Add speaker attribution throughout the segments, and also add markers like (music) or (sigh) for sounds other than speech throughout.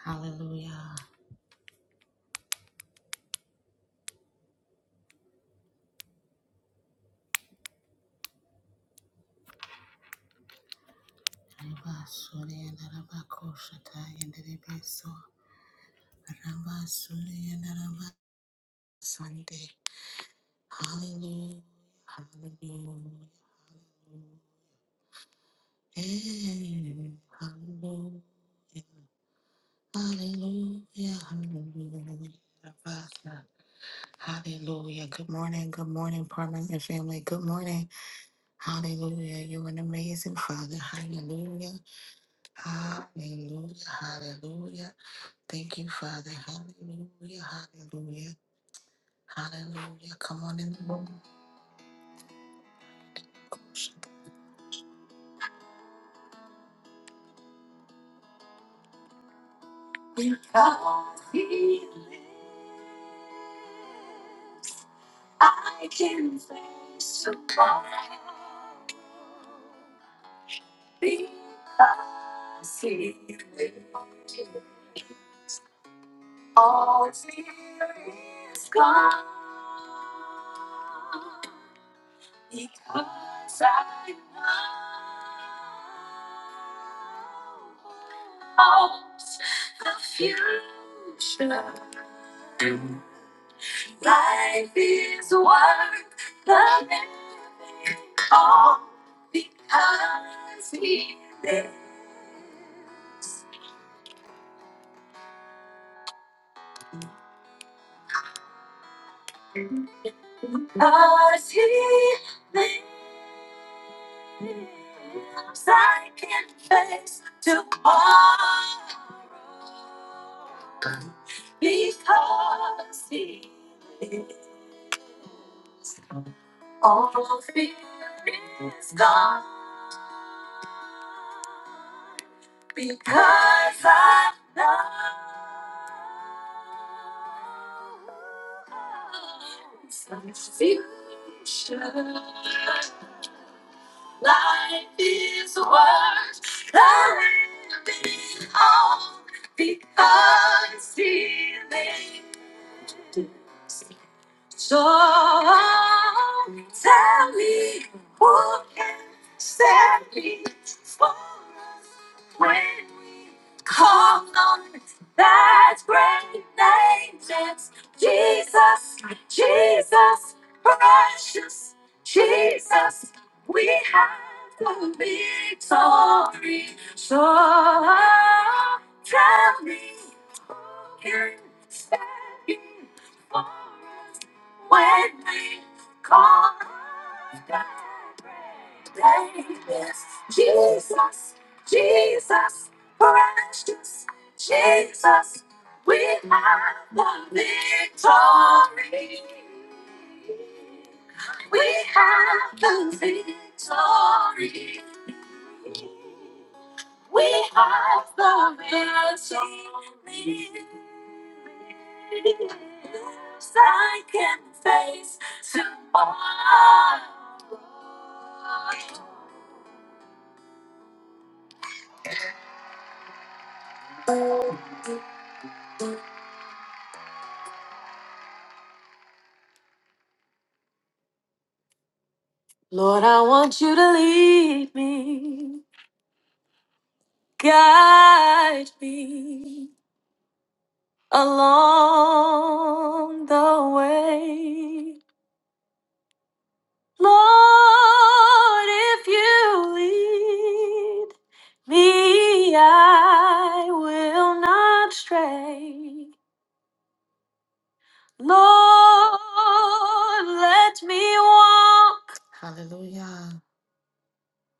Speaker 1: Hallelujah. Ramba Rabasuri and Rabakoshata and Ramba Rabasuri and Sunday. Hallelujah. Hallelujah. Hey, hallelujah. Hallelujah. Hallelujah. Rabasa. Hallelujah. Good morning. Good morning, partner and family. Good morning. Hallelujah. You're an amazing father. Hallelujah. Hallelujah. Hallelujah. Thank you, Father. Hallelujah. Hallelujah. Hallelujah. Come on in the room. God heals. I can face tomorrow because He lives. All fear is gone. Because I know holds the future. Life is worth the all because He lives. Because He lives, I can face tomorrow. Because He All fear is gone because I know the future. Life is worth living on because he So tell me who can stand before us when we call on that great name, that's Jesus, Jesus, precious Jesus. We have the victory. So tell me who can stand before us. When we call after greatness, Jesus, Jesus, precious Jesus, we have the victory. We have the victory. We have the victory. Yes, I can face tomorrow. Lord, I want you to lead me, guide me along the way. Lord, if you lead me, I will not stray. Lord, let me walk. Hallelujah.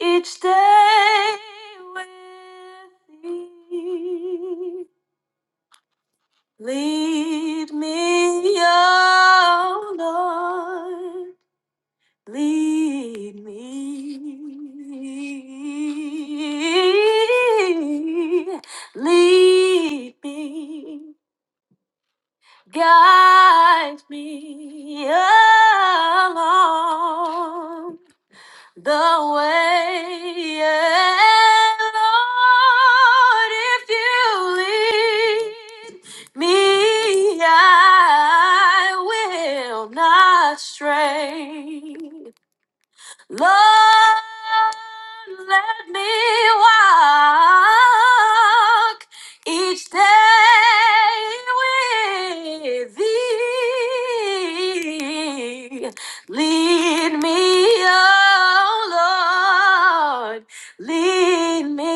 Speaker 1: Each day with thee. Lead me, O Lord. Lead me. Lead me. Guide me along the way, yeah, Lord, if you lead me, I will not stray. Lord, let me walk each day with thee. Lead me, oh Lord, lead me.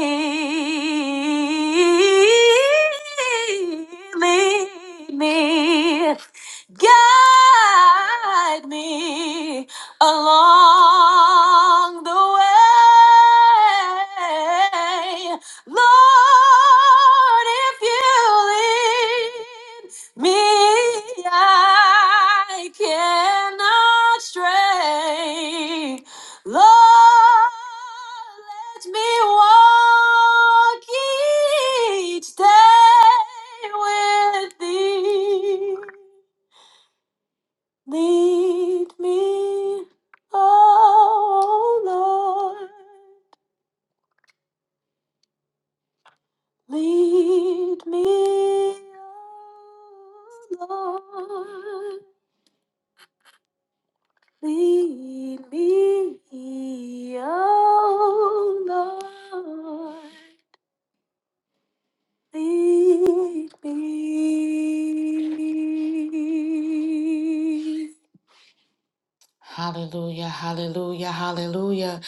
Speaker 1: Lead me guide me, along the way. Lord, if you lead me, I cannot stray. Lord, let me walk each day with thee. Lead me, oh Lord, lead me, oh Lord, lead me, oh Lord, lead me. Hallelujah, hallelujah, hallelujah.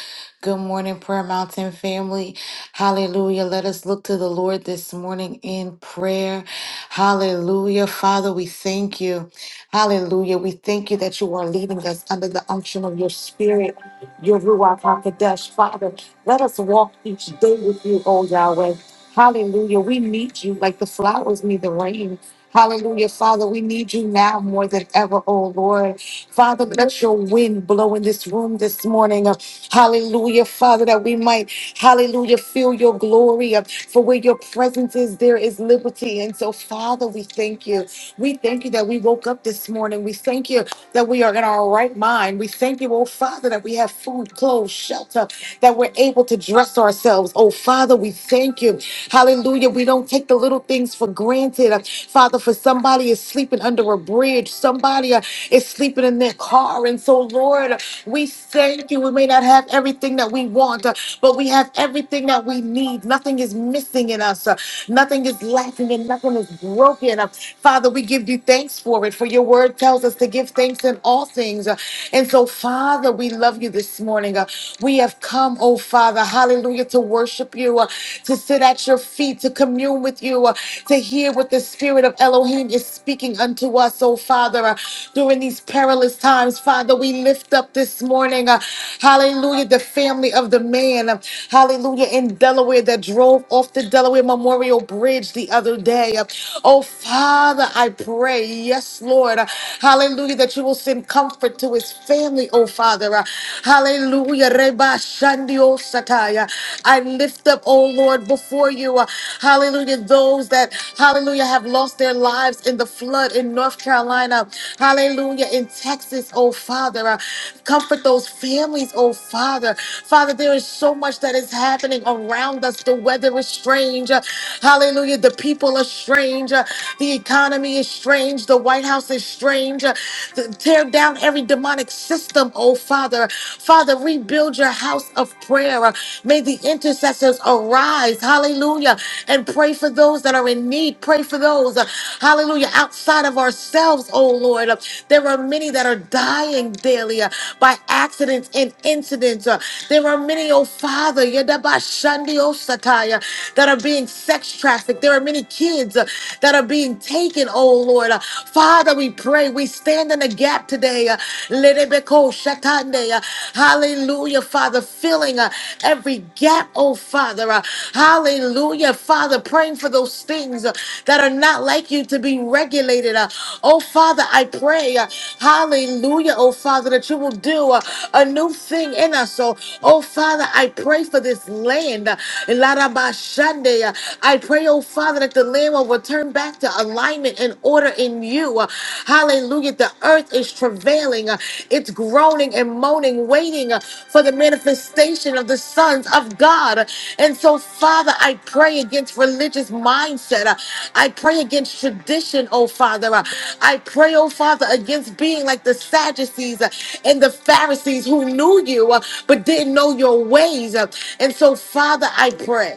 Speaker 1: Good morning, Prayer Mountain family. Hallelujah. Let us look to the Lord this morning in prayer. Hallelujah. Father, we thank you. Hallelujah. We thank you that you are leading us under the unction of your spirit, your Ruach HaKodesh. Father, let us walk each day with you, O Yahweh. Hallelujah. We need you like the flowers need the rain. Hallelujah, Father. We need you now more than ever, O Lord. Father, let your wind blow in this room this morning. Uh, Hallelujah, Father, that we might, hallelujah, feel your glory. Uh, For where your presence is, there is liberty. And so, Father, we thank you. We thank you that we woke up this morning. We thank you that we are in our right mind. We thank you, oh Father, that we have food, clothes, shelter, that we're able to dress ourselves. Oh Father, we thank you. Hallelujah. We don't take the little things for granted. Father, for somebody is sleeping under a bridge, somebody uh, is sleeping in their car. And so, Lord, we thank you. We may not have everything that we want, but we have everything that we need. Nothing is missing in us, uh, nothing is lacking, and nothing is broken. Uh, Father, we give you thanks for it, for your word tells us to give thanks in all things. Uh, And so, Father, we love you this morning. Uh, We have come, oh Father, hallelujah, to worship you, uh, to sit at your feet, to commune with you, uh, to hear what the Spirit of Elohim is speaking unto us, oh Father, uh, during these perilous times times, Father, we lift up this morning, uh, hallelujah, the family of the man, uh, hallelujah, in Delaware that drove off the Delaware Memorial Bridge the other day. Uh, oh, Father, I pray, yes, Lord, uh, hallelujah, that you will send comfort to his family, oh, Father. Uh, hallelujah, Reba Shandio Sataya. I lift up, oh, Lord, before you, uh, hallelujah, those that, hallelujah, have lost their lives in the flood in North Carolina. Hallelujah. In Texas, oh Father. Uh, Comfort those families, oh Father. Father, there is so much that is happening around us. The weather is strange. Uh, Hallelujah. The people are strange. Uh, The economy is strange. The White House is strange. Uh, th- Tear down every demonic system, oh Father. Father, rebuild your house of prayer. Uh, May the intercessors intercessors arise, hallelujah, and pray for those that are in need. Pray for those, uh, hallelujah, outside of ourselves, oh Lord. Uh, There are many that are dying daily uh, by accidents and incidents. Uh, There are many, oh Father, yadabashandi osataya, that are being sex trafficked. There are many kids uh, that are being taken, oh Lord. Uh, Father, we pray. We stand in the gap today. Uh, Oh, Shatande. uh, Hallelujah, Father. Filling uh, every gap, oh, Father. uh, Hallelujah, Father. Praying for those things uh, that are not like you to be regulated. uh, Oh, Father, I pray. uh, Hallelujah, oh, Father, that you will do uh, a new thing in us. So, oh, Father, I pray for this land. uh, Larabashande, uh, I pray, oh, Father, that the land will return back to alignment and and order in you. Uh, Hallelujah. The earth is travailing, Uh, it's groaning and moaning, waiting uh, for the manifestation of the sons of God. Uh, And so, Father, I pray against religious mindset. Uh, I pray against tradition, oh Father. Uh, I pray, oh Father, against being like the Sadducees uh, and the Pharisees who knew you uh, but didn't know your ways. Uh, And so, Father, I pray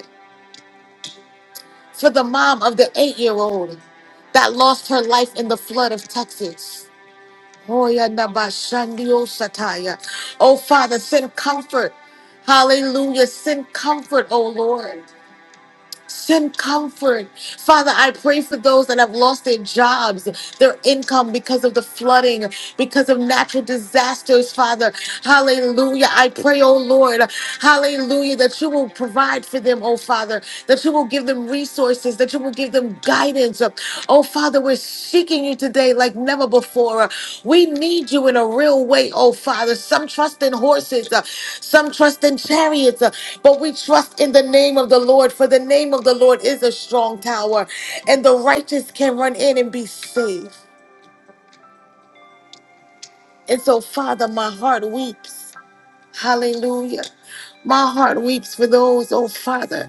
Speaker 1: for the mom of the eight year old that lost her life in the flood of Texas. Hoya naba shandio sataya. Oh, Father, send comfort. Hallelujah. Send comfort, oh Lord. Send comfort. Father, I pray for those that have lost their jobs, their income because of the flooding, because of natural disasters, Father. Hallelujah. I pray, oh Lord, hallelujah, that you will provide for them, oh Father, that you will give them resources, that you will give them guidance hands up. Oh, Father, we're seeking you today like never before. We need you in a real way, oh, Father. Some trust in horses, uh, some trust in chariots, uh, but we trust in the name of the Lord, for the name of the Lord is a strong tower, and the righteous can run in and be saved. And so, Father, my heart weeps. Hallelujah. My heart weeps for those, oh Father,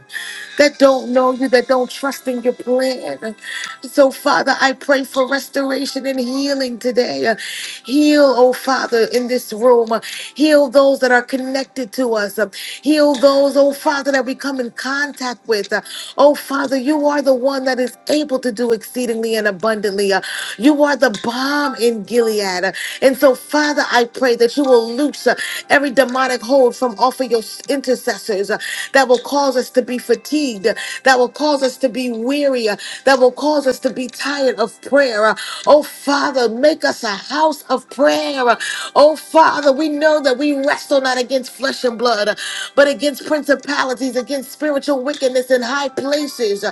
Speaker 1: that don't know you, that don't trust in your plan. So, Father, I pray for restoration and healing today. Uh, Heal, oh Father, in this room. Uh, Heal those that are connected to us. Uh, Heal those, oh Father, that we come in contact with. Uh, Oh Father, you are the one that is able to do exceedingly and abundantly. Uh, You are the balm in Gilead. And so, Father, I pray that you will loose uh, every demonic hold from off of your s- intercessors uh, that will cause us to be fatigued, uh, that will cause us to be weary, uh, that will cause us to be tired of prayer. Uh, Oh, Father, make us a house of prayer. Uh, Oh, Father, we know that we wrestle not against flesh and blood blood, but against principalities, against spiritual wickedness in high places.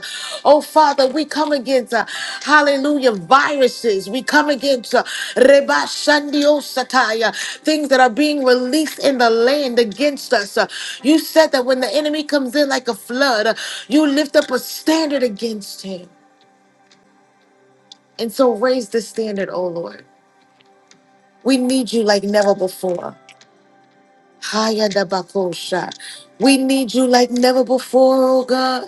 Speaker 1: Oh, Father, we come against, uh, hallelujah, viruses. We come against uh, Reba Shandio Sataya, things that are being released in the land against us. Uh, You said that when the enemy comes in like a flood, uh, you lift up a standard against him. And so raise the standard, oh Lord. We need you like never before. Haya da bakosha. We need you like never before, oh God.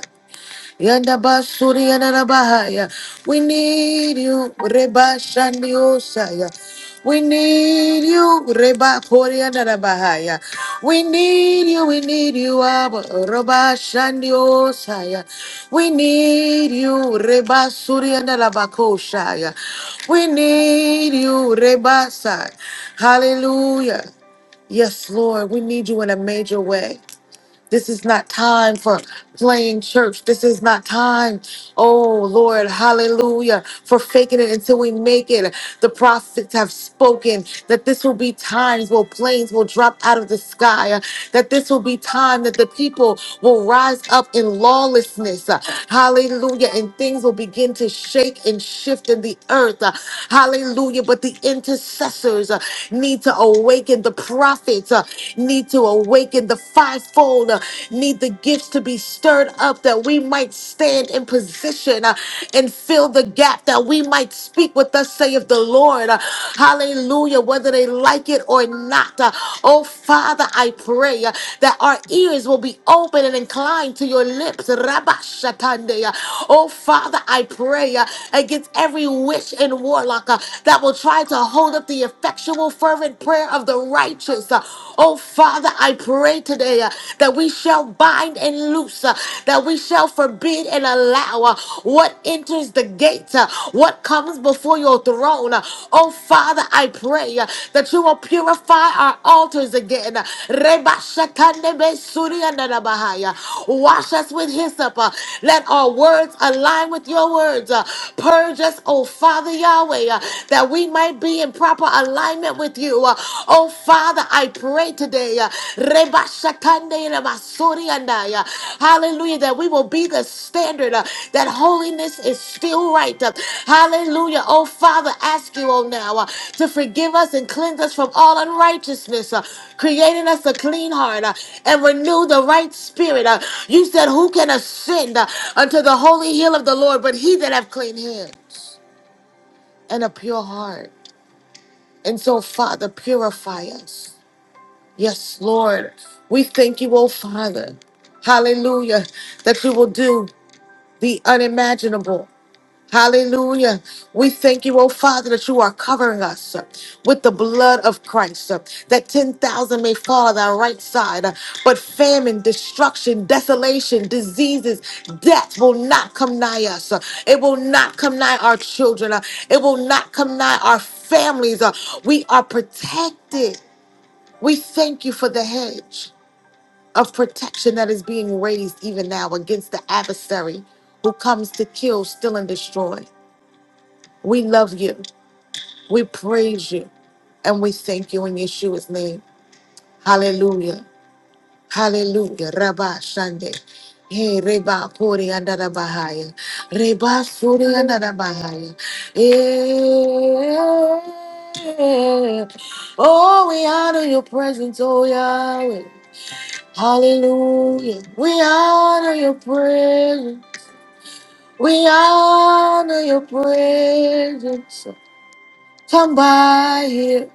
Speaker 1: Yanda basuri yana na bahaya. We need you, Reba Shandi Osaya. We need you, Reba Kori yana na bahaya. We need you, we need you, Abba Reba Shandi Osaya. We need you, Reba Suri yana na bakoshaya. We need you, Reba Sai. Hallelujah. Yes, Lord, we need you in a major way. This is not time for playing church. This is not time, oh Lord, hallelujah, for faking it until we make it. The prophets have spoken that this will be times where planes will drop out of the sky, uh, that this will be time that the people will rise up in lawlessness. uh, Hallelujah. And things will begin to shake and shift in the earth. uh, Hallelujah. But the intercessors uh, need to awaken the prophets. uh, need to awaken the fivefold, uh, need the gifts to be stirred up that we might stand in position uh, and fill the gap, that we might speak with us, saith the Lord. Uh, Hallelujah, whether they like it or not. Uh, Oh, Father, I pray uh, that our ears will be open and inclined to your lips. Rabba Shatande. Uh, Oh, Father, I pray uh, against every witch and warlock uh, that will try to hold up the effectual, fervent fervent prayer of the righteous. Uh, Oh, Father, I pray today uh, that we shall bind and loose, uh, that we shall forbid and allow uh, what enters the gate, uh, what comes before your throne. Uh, Oh, Father, I pray uh, that you will purify our altars again. Reba shatande be suri andana bahaya. Wash us with hyssop. uh, Let our words align with your words. uh, Purge us, oh Father Yahweh, uh, that we I be in proper alignment with you. Uh, Oh Father, I pray today. uh, Reba Shakande Reba Sorianda, uh, Hallelujah. That we will be the standard. uh, That holiness is still right. uh, Hallelujah. Oh Father, ask you, oh now, uh, to forgive us and cleanse us from all unrighteousness, uh, creating us a clean heart uh, and renew the right spirit. uh. You said, Who can ascend uh, unto the holy hill of the Lord but he that have clean hands? and a pure heart. And so, Father, purify us. Yes, Lord. We thank you, oh Father. Hallelujah. That you will do the unimaginable. Hallelujah. We thank you, oh Father, that you are covering us uh, with the blood of Christ, uh, that 10,000 may fall at our right side, uh, but famine, destruction, desolation, diseases, death will not come nigh us. uh, It will not come nigh our children. uh, It will not come nigh our families. uh, We are protected. We thank you for the hedge of protection that is being raised even now against the adversary who comes to kill, steal, and destroy. We love you. We praise you. And we thank you in Yeshua's name. Hallelujah. Hallelujah. Rabba Shande. Hey, Reba Puri and Bahaya. Reba Suri and Bahaya. Eh. Oh, we honor your presence, oh Yahweh. Hallelujah. We honor your presence. We honor your presence. Come by here.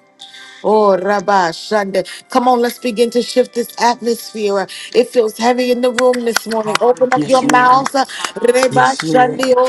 Speaker 1: Oh, Rabbi Shande. Come on, let's begin to shift this atmosphere. It feels heavy in the room this morning. Open up your
Speaker 2: Yes,
Speaker 3: Hallelujah.
Speaker 2: Lord.
Speaker 1: mouths. Reba
Speaker 2: Yes, Lord.
Speaker 3: Hallelujah.
Speaker 1: Shande O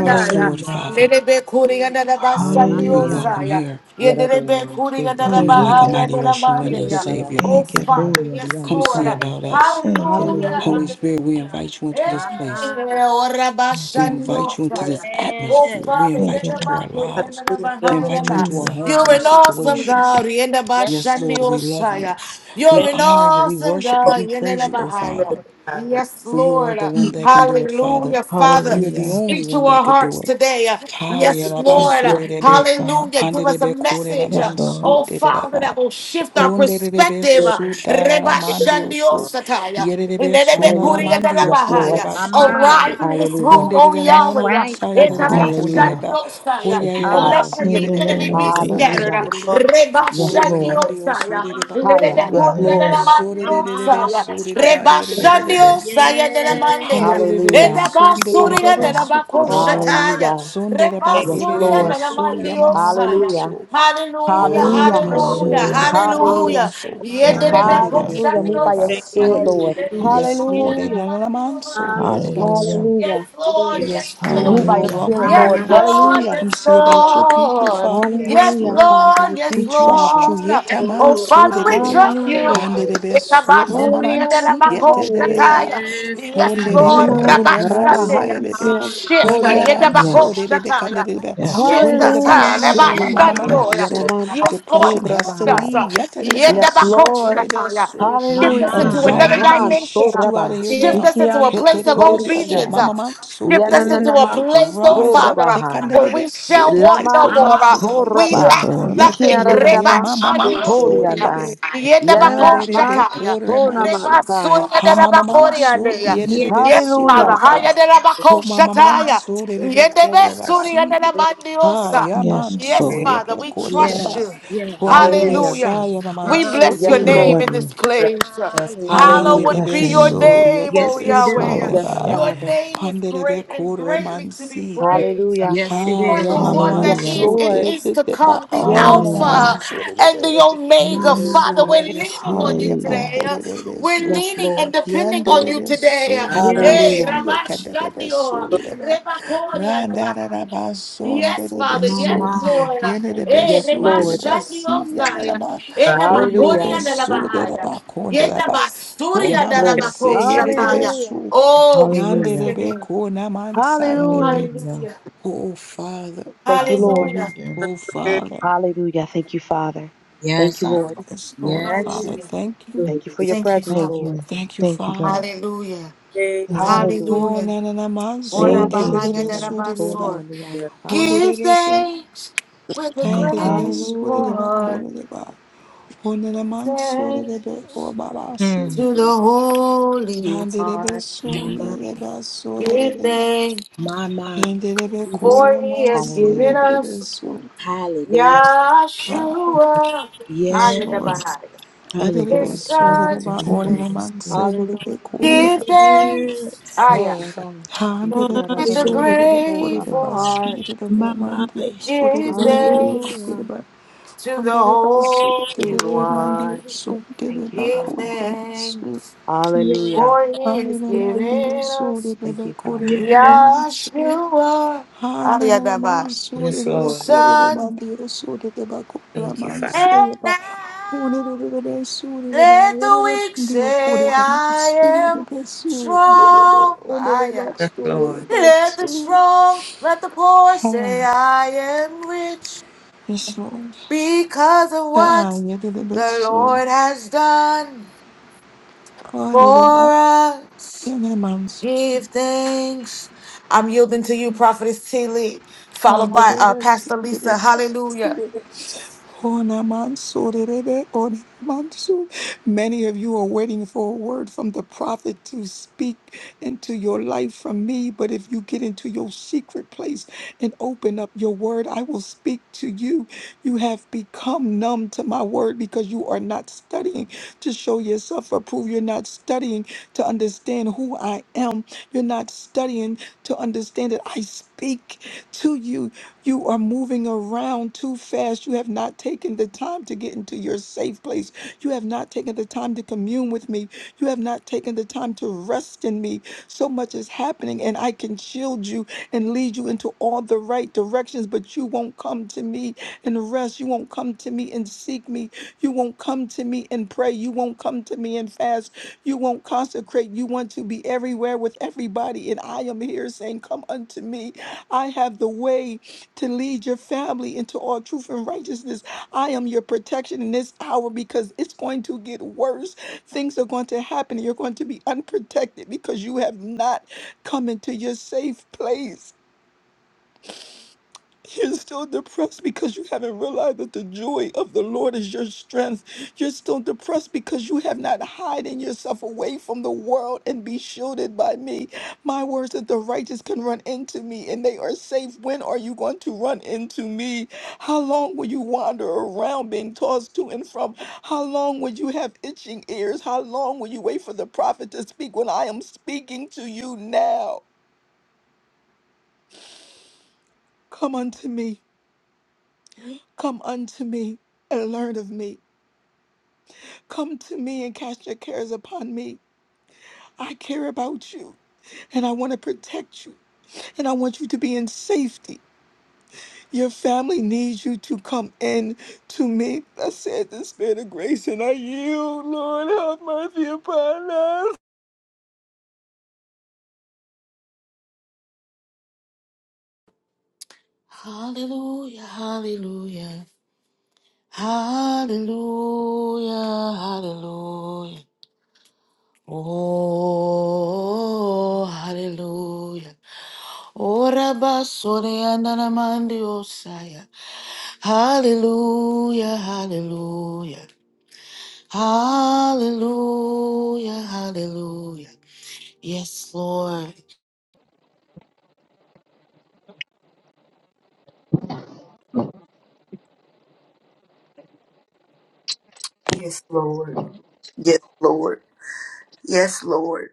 Speaker 2: Yes, Lord, Father.
Speaker 1: Nerebe Kuri and
Speaker 3: Hallelujah.
Speaker 1: Reba
Speaker 3: My
Speaker 1: Shande
Speaker 2: You're
Speaker 1: O
Speaker 4: Hallelujah.
Speaker 3: mind.
Speaker 5: Hallelujah.
Speaker 2: welcome
Speaker 1: Saya.
Speaker 2: here.
Speaker 1: Yenderebe
Speaker 3: Hallelujah.
Speaker 4: Yarademan
Speaker 1: Kuri and Reba
Speaker 2: Come in like
Speaker 4: Surabahan.
Speaker 2: a
Speaker 1: Haya
Speaker 2: mighty
Speaker 5: Hallelujah.
Speaker 1: Nera
Speaker 2: rushing wind and
Speaker 1: Mandeya.
Speaker 2: save
Speaker 3: Hallelujah.
Speaker 2: your
Speaker 4: Likirabahan.
Speaker 1: Oh,
Speaker 5: Thank you,
Speaker 2: people.
Speaker 1: Father,
Speaker 5: God.
Speaker 1: yes,
Speaker 4: Suriyadan
Speaker 2: Come
Speaker 1: Lord.
Speaker 2: see
Speaker 3: Yes.
Speaker 4: Sai.
Speaker 2: about us.
Speaker 5: Thank you,
Speaker 1: Hallelujah.
Speaker 5: God.
Speaker 3: Hallelujah.
Speaker 2: Holy
Speaker 4: Hallelujah.
Speaker 1: Hallelujah.
Speaker 2: Spirit, we invite you into this
Speaker 3: My
Speaker 1: Hey,
Speaker 2: place.
Speaker 3: mind.
Speaker 1: ora
Speaker 5: Thank
Speaker 2: We
Speaker 5: you.
Speaker 2: invite
Speaker 1: bashanyo
Speaker 2: you into this
Speaker 1: fire.
Speaker 3: Yes.
Speaker 1: Oh
Speaker 2: atmosphere. We
Speaker 1: Father,
Speaker 5: Thank
Speaker 2: invite
Speaker 5: you,
Speaker 2: you
Speaker 1: yenda
Speaker 2: to
Speaker 5: God.
Speaker 1: ba
Speaker 2: our
Speaker 1: kuri,
Speaker 2: lives.
Speaker 1: yenda na ba
Speaker 6: Hallelujah.
Speaker 2: We
Speaker 1: hai, yenda
Speaker 2: invite you
Speaker 1: na.
Speaker 2: into our
Speaker 5: Hallelujah.
Speaker 2: homes and
Speaker 1: you're
Speaker 2: our
Speaker 1: an awesome
Speaker 3: Hallelujah.
Speaker 2: situation.
Speaker 1: God. yenda ba
Speaker 3: Yes.
Speaker 2: Yes,
Speaker 1: shandi
Speaker 2: Lord, we love you.
Speaker 1: osaya.
Speaker 2: We
Speaker 1: You're
Speaker 6: Thank you,
Speaker 1: an
Speaker 2: honor you. We
Speaker 1: awesome
Speaker 2: worship you.
Speaker 6: Lord,
Speaker 1: God.
Speaker 2: We
Speaker 1: yenda
Speaker 2: praise
Speaker 1: na
Speaker 2: you,
Speaker 1: ba
Speaker 2: oh
Speaker 1: hai.
Speaker 6: for God.
Speaker 2: Father.
Speaker 1: Yes,
Speaker 2: For you are
Speaker 1: Lord.
Speaker 2: the one that can do it, Father.
Speaker 1: Hallelujah. Father,
Speaker 2: You are the
Speaker 5: Hallelujah.
Speaker 6: Thank you,
Speaker 2: only
Speaker 1: speak to
Speaker 2: one that
Speaker 1: our
Speaker 2: could
Speaker 1: hearts
Speaker 2: do it.
Speaker 1: today. Yes, Lord.
Speaker 5: Yes.
Speaker 6: Hallelujah.
Speaker 2: Hariarabasurebe,
Speaker 5: Yes, God.
Speaker 1: Hallelujah. Give us a
Speaker 2: Handerebe
Speaker 1: message.
Speaker 5: Yes,
Speaker 2: Kureraman
Speaker 5: Lord.
Speaker 1: Oh, Father, that
Speaker 2: Sudereba,
Speaker 1: will shift
Speaker 6: Lord,
Speaker 1: our
Speaker 2: Hunderebe
Speaker 1: perspective.
Speaker 6: for
Speaker 1: Reba
Speaker 6: your
Speaker 2: Sudararamandio,
Speaker 1: shandio
Speaker 6: people.
Speaker 1: sataya.
Speaker 2: Yerebe
Speaker 1: Arise
Speaker 4: Hallelujah.
Speaker 2: Sunalamandio
Speaker 4: Yes, Lord.
Speaker 3: My
Speaker 2: Kurebas
Speaker 3: mind.
Speaker 2: Yerebe,
Speaker 1: in this
Speaker 4: Hallelujah.
Speaker 1: room, O
Speaker 3: That's
Speaker 1: Yahweh.
Speaker 2: Hunderaman
Speaker 3: right. That's
Speaker 2: Sayerebe
Speaker 3: right.
Speaker 5: Yes,
Speaker 4: Hallelujah.
Speaker 5: God.
Speaker 2: Kundereba,
Speaker 1: Etabashandiosaya.
Speaker 4: Thank you,
Speaker 2: Huyerebe
Speaker 1: And let
Speaker 3: Ah,
Speaker 4: Father.
Speaker 5: In
Speaker 1: every
Speaker 5: the
Speaker 2: Asierebe
Speaker 1: enemy
Speaker 5: name of
Speaker 1: be
Speaker 2: Kundereman
Speaker 1: scattered.
Speaker 5: Jesus.
Speaker 4: Hallelujah.
Speaker 2: Suderebe.
Speaker 4: Yes, Lord.
Speaker 2: Kuremandio
Speaker 1: Rebashandiosaya.
Speaker 2: Sudereba
Speaker 4: Higher,
Speaker 3: hallelujah.
Speaker 5: In
Speaker 4: Yes,
Speaker 2: Kundereba,
Speaker 5: the
Speaker 4: Lord.
Speaker 5: name.
Speaker 3: My
Speaker 2: Suderebe Sudereba, rebe.
Speaker 3: mind.
Speaker 1: Lededekunenelamandiosaya.
Speaker 3: Yes,
Speaker 2: surere
Speaker 3: Papa.
Speaker 2: ba
Speaker 5: Yes, God.
Speaker 2: rebe
Speaker 1: Rebashandiosaya nelamandeya.
Speaker 3: Yes.
Speaker 2: Handelelele
Speaker 4: Hallelujah.
Speaker 5: Yes,
Speaker 2: sundelelele
Speaker 5: God.
Speaker 6: Lord,
Speaker 3: My
Speaker 6: Lord,
Speaker 2: sukureba
Speaker 1: Etabasuriyanelabakoshataya.
Speaker 3: mind.
Speaker 4: Hallelujah.
Speaker 2: sundeleba
Speaker 6: thank
Speaker 4: Yes,
Speaker 6: you, Lord. Thank you, Lord. Thank you, Thank
Speaker 2: erelele
Speaker 4: Lord.
Speaker 2: su
Speaker 3: Hallelujah.
Speaker 1: Rebasuriyanelamandiosaya.
Speaker 4: Hallelujah.
Speaker 2: yamamamamanso.
Speaker 6: you.
Speaker 1: Hallelujah,
Speaker 6: Lord. Thank you, Lord. Thank you, Lord. Thank you, Lord. Thank
Speaker 4: Hallelujah.
Speaker 6: you,
Speaker 2: Handelelele su
Speaker 1: hallelujah,
Speaker 3: Hallelujah.
Speaker 5: Hallelujah.
Speaker 4: Hallelujah.
Speaker 1: hallelujah.
Speaker 2: remandioso.
Speaker 3: My mind.
Speaker 5: Hallelujah.
Speaker 2: Handelelele
Speaker 4: Hallelujah. Move by your
Speaker 2: kureba
Speaker 4: spirit,
Speaker 1: Yendelebekoshandiosaya.
Speaker 2: si.
Speaker 4: Lord.
Speaker 2: Yes,
Speaker 3: Hallelujah.
Speaker 2: Lord.
Speaker 4: Hallelujah.
Speaker 2: Enelelaman so Enelelamanso
Speaker 3: Hallelujah.
Speaker 2: yerebasu.
Speaker 5: Hallelujah.
Speaker 4: Hallelujah.
Speaker 1: Yes, Lord.
Speaker 3: Hallelujah.
Speaker 2: Yes,
Speaker 1: Yes,
Speaker 2: Lord,
Speaker 4: Move
Speaker 2: you
Speaker 4: by
Speaker 1: Lord.
Speaker 2: are
Speaker 4: your
Speaker 5: Hallelujah.
Speaker 2: welcome
Speaker 4: spirit,
Speaker 1: Yes,
Speaker 4: Lord.
Speaker 3: My,
Speaker 2: here.
Speaker 3: yes,
Speaker 1: Lord.
Speaker 4: Hallelujah.
Speaker 3: Lord.
Speaker 1: Yes,
Speaker 2: Come see about your
Speaker 3: Hallelujah.
Speaker 2: people,
Speaker 1: Lord.
Speaker 2: Father.
Speaker 1: Yes,
Speaker 2: Yes,
Speaker 4: Hallelujah,
Speaker 2: Lord.
Speaker 4: Father.
Speaker 1: Lord.
Speaker 4: We
Speaker 3: My,
Speaker 2: We
Speaker 1: Yes,
Speaker 4: thank you,
Speaker 2: trust
Speaker 4: Abba.
Speaker 2: you,
Speaker 1: Lord.
Speaker 3: yes,
Speaker 2: yeta man
Speaker 1: Oh,
Speaker 3: Lord.
Speaker 2: so
Speaker 1: Father, we
Speaker 2: derebe,
Speaker 1: trust
Speaker 3: Hallelujah.
Speaker 1: you.
Speaker 4: Hallelujah.
Speaker 2: handerebe
Speaker 3: Yes,
Speaker 2: so
Speaker 3: we
Speaker 2: mama
Speaker 3: do.
Speaker 2: man si
Speaker 4: Hallelujah.
Speaker 2: yete
Speaker 4: Hallelujah.
Speaker 2: dereba,
Speaker 3: Yes, we
Speaker 1: Yes,
Speaker 3: do. We
Speaker 5: Yes,
Speaker 1: Lord.
Speaker 2: honderebe
Speaker 4: Hama
Speaker 5: Lord.
Speaker 3: trust.
Speaker 2: kore man
Speaker 4: rabaha
Speaker 1: Rabashandea.
Speaker 2: sayerebe,
Speaker 4: ikian
Speaker 1: Shift.
Speaker 3: Hallelujah.
Speaker 4: sorian
Speaker 2: honalaban
Speaker 4: ai.
Speaker 3: My, my.
Speaker 2: so
Speaker 5: Yes.
Speaker 2: derebe
Speaker 1: Yedabakoshataya.
Speaker 2: kanderebe,
Speaker 7: Thank
Speaker 5: Yes.
Speaker 1: Shift us,
Speaker 3: Yes,
Speaker 2: hondereba
Speaker 4: Hallelujah.
Speaker 1: huh?
Speaker 3: yes,
Speaker 2: so
Speaker 3: yes.
Speaker 2: mama
Speaker 4: Hallelujah.
Speaker 2: mama man
Speaker 5: Yes.
Speaker 2: so.
Speaker 4: Yanaman
Speaker 1: Yes, Lord,
Speaker 2: Depression has to
Speaker 1: shift us.
Speaker 4: sorabahai.
Speaker 1: huh?
Speaker 2: leave, yeta dereba
Speaker 1: Yenda
Speaker 4: Yes,
Speaker 2: so
Speaker 4: Lord.
Speaker 2: derebe
Speaker 1: Bakoshataya.
Speaker 2: so.
Speaker 3: My,
Speaker 1: Shift
Speaker 4: Hallelujah.
Speaker 1: us into
Speaker 5: Yes,
Speaker 3: my.
Speaker 1: another
Speaker 5: Lord.
Speaker 2: Anxiety, we
Speaker 4: Haman
Speaker 1: dimension.
Speaker 2: shift
Speaker 1: huh?
Speaker 2: you out of
Speaker 4: sorabah.
Speaker 2: here
Speaker 3: Yes,
Speaker 1: Shift
Speaker 2: now.
Speaker 1: us into
Speaker 4: Ikian
Speaker 1: a
Speaker 2: Hete
Speaker 1: place of
Speaker 2: derebe
Speaker 4: sorian
Speaker 2: so
Speaker 1: obedience.
Speaker 4: ai.
Speaker 1: huh?
Speaker 2: mama man so
Speaker 1: Shift us into
Speaker 2: derebe.
Speaker 1: a
Speaker 4: Yananaman
Speaker 1: place, oh
Speaker 2: Rise up,
Speaker 1: Father, huh,
Speaker 2: take
Speaker 4: sorabahai.
Speaker 2: under the
Speaker 1: where we
Speaker 2: best suit
Speaker 1: shall
Speaker 2: and
Speaker 1: want
Speaker 2: take
Speaker 4: Laman
Speaker 1: no
Speaker 2: your
Speaker 3: My,
Speaker 1: more. huh?
Speaker 2: rightful
Speaker 3: my.
Speaker 2: place.
Speaker 1: We
Speaker 5: Yes,
Speaker 4: Toraba
Speaker 1: lack
Speaker 5: Lord.
Speaker 2: Yes,
Speaker 1: nothing.
Speaker 2: Lord. Yeah,
Speaker 1: Reba
Speaker 4: Ikiaradaman
Speaker 2: mama
Speaker 1: Shandoya.
Speaker 2: manso de bebe.
Speaker 4: Horiandai
Speaker 1: Yenda
Speaker 4: Yadara
Speaker 2: Ande de be
Speaker 4: man
Speaker 1: Bakoshataya.
Speaker 2: kore
Speaker 1: Reba
Speaker 2: manso.
Speaker 4: Sonamansai.
Speaker 1: Suya
Speaker 2: Ha
Speaker 1: Dera
Speaker 2: mama manso ye de de
Speaker 3: Yes,
Speaker 1: Bakoriandea.
Speaker 2: be
Speaker 1: Yes,
Speaker 2: so de
Speaker 1: Father.
Speaker 4: Hallelujah.
Speaker 2: de ba.
Speaker 1: Haya Dera
Speaker 6: Lord.
Speaker 2: Ho mama
Speaker 1: Bakoshataya.
Speaker 2: manso de
Speaker 6: Thank
Speaker 2: de be kore basi. Ha
Speaker 1: Yedebesuriyananamandiosa.
Speaker 2: ya
Speaker 5: Yes,
Speaker 1: Yes,
Speaker 2: manso
Speaker 5: Lord.
Speaker 2: ye
Speaker 1: Father,
Speaker 2: be
Speaker 1: we
Speaker 2: kore de
Speaker 1: trust
Speaker 2: ba.
Speaker 3: yes,
Speaker 1: you.
Speaker 2: Ho
Speaker 3: yes,
Speaker 2: ne de be
Speaker 4: Hallelujah.
Speaker 3: yes.
Speaker 2: sa
Speaker 1: Hallelujah.
Speaker 2: ya mama
Speaker 1: We
Speaker 2: manso
Speaker 1: bless
Speaker 4: Yes,
Speaker 2: de
Speaker 1: your
Speaker 2: de
Speaker 5: We
Speaker 3: Hallelujah.
Speaker 2: ba.
Speaker 1: name
Speaker 4: Lord.
Speaker 5: love
Speaker 1: in this
Speaker 5: you.
Speaker 1: place.
Speaker 2: Ha ande
Speaker 3: Hallelujah.
Speaker 2: de
Speaker 4: Hallelujah.
Speaker 1: Hallowed
Speaker 5: Bless
Speaker 2: be
Speaker 5: your
Speaker 1: be your
Speaker 5: name.
Speaker 2: so ye
Speaker 1: name,
Speaker 2: de
Speaker 1: O
Speaker 3: Yes,
Speaker 2: be
Speaker 3: we do.
Speaker 2: so de
Speaker 1: Yahweh.
Speaker 2: de
Speaker 4: Yes,
Speaker 5: Hallowed be
Speaker 2: ba.
Speaker 5: your
Speaker 1: Your
Speaker 5: name.
Speaker 4: Father.
Speaker 1: name is
Speaker 2: hande de be
Speaker 1: great and
Speaker 2: kore
Speaker 1: greatly to be
Speaker 2: mansi.
Speaker 7: you,
Speaker 1: praised.
Speaker 4: Hallelujah.
Speaker 3: Yes, it
Speaker 1: You
Speaker 2: Ha
Speaker 1: are
Speaker 2: ya
Speaker 1: the
Speaker 3: is.
Speaker 2: mama
Speaker 1: one
Speaker 4: Yes,
Speaker 1: that
Speaker 5: Hallelujah.
Speaker 1: is
Speaker 2: manso
Speaker 1: and
Speaker 4: Lord.
Speaker 2: e
Speaker 1: is
Speaker 2: de
Speaker 1: to
Speaker 2: de ba.
Speaker 1: come, the
Speaker 2: Oh na na
Speaker 4: Yes,
Speaker 2: na
Speaker 5: Hallelujah.
Speaker 4: Father.
Speaker 3: My,
Speaker 1: Alpha
Speaker 2: manso de de
Speaker 1: and
Speaker 2: be.
Speaker 1: the
Speaker 3: my,
Speaker 1: Omega.
Speaker 6: you.
Speaker 2: Yes,
Speaker 1: Father,
Speaker 3: my.
Speaker 2: Lord,
Speaker 1: we're
Speaker 2: yes,
Speaker 1: leaning
Speaker 2: Lord,
Speaker 1: on you
Speaker 5: Hallelujah.
Speaker 1: today. We're
Speaker 2: Yabakorebeso,
Speaker 4: Yes,
Speaker 1: leaning
Speaker 4: Lord.
Speaker 1: and depending on you today.
Speaker 2: Yanderebeso,
Speaker 6: Thank you.
Speaker 3: Yes,
Speaker 1: Hey,
Speaker 4: Hallelujah.
Speaker 2: Mabasia,
Speaker 1: Rabbi
Speaker 2: Canderebeso, Reba, Randarabason,
Speaker 1: Yes, Father.
Speaker 3: my,
Speaker 1: Yes,
Speaker 2: Derebeso,
Speaker 3: my.
Speaker 1: Lord. Eh,
Speaker 4: Yes,
Speaker 2: Yanerebeso,
Speaker 1: reba
Speaker 4: Lord.
Speaker 1: shandi
Speaker 2: Derebasi,
Speaker 1: osaya.
Speaker 2: Yanarama,
Speaker 1: Eh,
Speaker 6: God
Speaker 1: da ba kori
Speaker 4: Hallelujah.
Speaker 1: anda da ba
Speaker 2: Honderebeso,
Speaker 1: haya. Yenda
Speaker 2: Derabaconderaba,
Speaker 1: ba
Speaker 6: be
Speaker 2: Ho
Speaker 4: Yes,
Speaker 1: anda da
Speaker 2: Maman
Speaker 1: ba
Speaker 4: Lord.
Speaker 2: say,
Speaker 4: Hallelujah.
Speaker 2: Yerebeso,
Speaker 1: Oh, we bless your
Speaker 5: Hallelujah.
Speaker 1: name.
Speaker 2: Yanderebeko, Naman
Speaker 4: Hallelujah.
Speaker 2: Sayanebe.
Speaker 5: Hallelujah.
Speaker 1: Hallelujah.
Speaker 2: Oh, Father,
Speaker 4: Thank
Speaker 7: God.
Speaker 4: you, Lord.
Speaker 1: Hallelujah.
Speaker 5: Hallelujah.
Speaker 6: the
Speaker 2: oh, Father,
Speaker 4: Hallelujah. Thank you, Father. Thank
Speaker 3: Yes,
Speaker 4: you,
Speaker 3: I
Speaker 4: Lord.
Speaker 3: am.
Speaker 2: yes, Lord,
Speaker 3: Yes.
Speaker 2: Father,
Speaker 1: Hallelujah.
Speaker 2: thank you.
Speaker 4: Thank you for your
Speaker 1: Thank you,
Speaker 4: presence,
Speaker 5: Thank
Speaker 1: Father.
Speaker 4: Lord.
Speaker 5: you.
Speaker 2: Thank you,
Speaker 5: Thank you,
Speaker 2: Father.
Speaker 5: God.
Speaker 1: Hallelujah.
Speaker 5: Thank
Speaker 6: Hallelujah.
Speaker 5: you.
Speaker 4: Hallelujah.
Speaker 2: Oh,
Speaker 1: Hallelujah.
Speaker 2: na na na man so
Speaker 1: Ora
Speaker 4: Thank
Speaker 5: Thank
Speaker 4: you,
Speaker 5: you.
Speaker 1: bahaya
Speaker 4: Lord.
Speaker 2: edebe
Speaker 1: da da
Speaker 4: I'm
Speaker 2: su
Speaker 1: ba
Speaker 4: sorry
Speaker 2: ba.
Speaker 4: on the
Speaker 2: Oh,
Speaker 4: outside.
Speaker 1: Give
Speaker 2: so.
Speaker 1: thanks with a
Speaker 2: Ha de
Speaker 5: Thank you.
Speaker 1: grateful
Speaker 4: Hallelujah.
Speaker 2: ba ko
Speaker 1: heart.
Speaker 2: ba. Oh, na na
Speaker 1: Give
Speaker 2: so
Speaker 1: thanks.
Speaker 2: o ba si
Speaker 3: Mm.
Speaker 2: de
Speaker 1: to the
Speaker 2: de.
Speaker 1: Holy
Speaker 2: Ha
Speaker 1: One.
Speaker 3: My,
Speaker 2: ba so de
Speaker 1: Give
Speaker 2: de.
Speaker 1: thanks,
Speaker 3: my mind
Speaker 2: Ha de
Speaker 3: could
Speaker 2: de
Speaker 3: do this.
Speaker 1: for he has
Speaker 2: si
Speaker 1: given
Speaker 4: Hallelujah.
Speaker 1: us
Speaker 3: Hallelujah.
Speaker 2: Ha.
Speaker 1: Yahshua,
Speaker 2: Yes, Lord.
Speaker 3: Yes.
Speaker 1: Ayadabahaya,
Speaker 2: I
Speaker 4: Yes,
Speaker 2: did
Speaker 3: Hallelujah.
Speaker 4: Lord.
Speaker 1: his
Speaker 2: so
Speaker 6: Worthy
Speaker 1: son.
Speaker 6: To
Speaker 2: ba
Speaker 6: be
Speaker 2: o de
Speaker 3: Mama,
Speaker 6: praised.
Speaker 2: man
Speaker 6: Thank
Speaker 2: so
Speaker 6: you,
Speaker 2: de de
Speaker 4: Hallelujah.
Speaker 3: Oh,
Speaker 1: Give thanks,
Speaker 3: yes.
Speaker 6: thank
Speaker 1: Aya,
Speaker 6: you, Father.
Speaker 4: Hallelujah. Yes,
Speaker 2: Handere ba
Speaker 1: with a
Speaker 3: Hallelujah.
Speaker 2: sorere ba
Speaker 4: Lord.
Speaker 2: korere
Speaker 1: grateful
Speaker 2: ba
Speaker 1: heart.
Speaker 2: sinere ba
Speaker 3: My
Speaker 2: mandi
Speaker 3: mind.
Speaker 2: sorere
Speaker 1: Give
Speaker 2: ba bire
Speaker 1: thanks
Speaker 2: korere
Speaker 4: Hallelujah.
Speaker 2: ba
Speaker 1: to the
Speaker 2: handere ba
Speaker 1: Holy
Speaker 4: Yes,
Speaker 2: sorere ba
Speaker 4: Lord.
Speaker 2: mandi
Speaker 1: One.
Speaker 2: sorere
Speaker 4: Thank you,
Speaker 2: ba
Speaker 1: Give
Speaker 4: Father.
Speaker 2: korere ba so
Speaker 1: thanks,
Speaker 3: Yes.
Speaker 4: Hallelujah.
Speaker 1: for he has
Speaker 2: handere mandi
Speaker 1: given us
Speaker 2: sorere
Speaker 4: Thank
Speaker 2: ba
Speaker 4: you, Father.
Speaker 2: korere ba
Speaker 3: Yes.
Speaker 2: mandi so
Speaker 1: Yahshua,
Speaker 2: handere ba
Speaker 1: Ayadabahaya.
Speaker 2: mandi
Speaker 6: Yes,
Speaker 2: sorere
Speaker 1: His
Speaker 2: ba
Speaker 6: Lord.
Speaker 2: korere ba
Speaker 1: Son
Speaker 2: mandi sorere ba korere ba
Speaker 6: Thank you,
Speaker 2: mandi
Speaker 6: Father.
Speaker 1: And
Speaker 2: sorere ba
Speaker 1: now
Speaker 2: handere ba sorere ba
Speaker 1: let the weak
Speaker 2: mandi
Speaker 1: say,
Speaker 2: korere ba mandi
Speaker 1: I
Speaker 2: sorere
Speaker 1: am
Speaker 2: ba so handere
Speaker 1: strong. I
Speaker 2: ba
Speaker 1: am.
Speaker 6: Yes,
Speaker 2: sorere
Speaker 6: Lord.
Speaker 2: ba
Speaker 1: Let the
Speaker 2: so
Speaker 1: strong, let the poor
Speaker 2: Oh,
Speaker 1: say, I am rich
Speaker 2: yes, Lord.
Speaker 1: because of
Speaker 2: Ah,
Speaker 1: what
Speaker 2: you did the
Speaker 1: the
Speaker 2: best, so
Speaker 1: Lord has done
Speaker 2: God did
Speaker 1: for
Speaker 2: about the
Speaker 1: us.
Speaker 2: animals.
Speaker 1: Give thanks. I'm yielding to you, Prophetess T. Lee, followed
Speaker 2: God did
Speaker 1: by uh, Pastor
Speaker 2: the
Speaker 1: Lisa. Hallelujah.
Speaker 2: best. Onamansorerebe, onamansor. Many of you are waiting for a word from the prophet to speak into your life from me. But if you get into your secret place and open up your word, I will speak to you. You have become numb to my word because you are not studying to show yourself approved. You're not studying to understand who I am. You're not studying to understand that I speak to you. You are moving around too fast. You have not taken the time to get into your safe place. You have not taken the time to commune with me. You have not taken the time to rest in me. So much is happening, and I can shield you and lead you into all the right directions, but you won't come to me and rest. You won't come to me and seek me. You won't come to me and pray. You won't come to me and fast. You won't consecrate. You want to be everywhere with everybody. And I am here saying, Come unto me. I have the way to lead your family into all truth and righteousness. I am your protection in this hour because it's going to get worse. Things are going to happen. You're going to be unprotected because you have not come into your safe place. You're still depressed because you haven't realized that the joy of the Lord is your strength. You're still depressed because you have not hidden yourself away from the world and be shielded by me. My words that the righteous can run into me and they are safe. When are you going to run into me? How long will you wander around being tossed to and from? How long will you have itching ears? How long will you wait for the prophet to speak when I am speaking to you now? Come unto me. Come unto me and learn of me. Come to me and cast your cares upon me. I care about you and I want to protect you and I want you to be in safety. Your family needs you to come in to me. I said the spirit of grace and I yield, Lord, have mercy upon us.
Speaker 1: Hallelujah. Hallelujah. Hallelujah, hallelujah. Oh, hallelujah. Ora basore andana mandi osaya. Hallelujah, hallelujah. Hallelujah, hallelujah. Yes, Lord.
Speaker 7: Yes, Lord. Yes, Lord. Yes, Lord.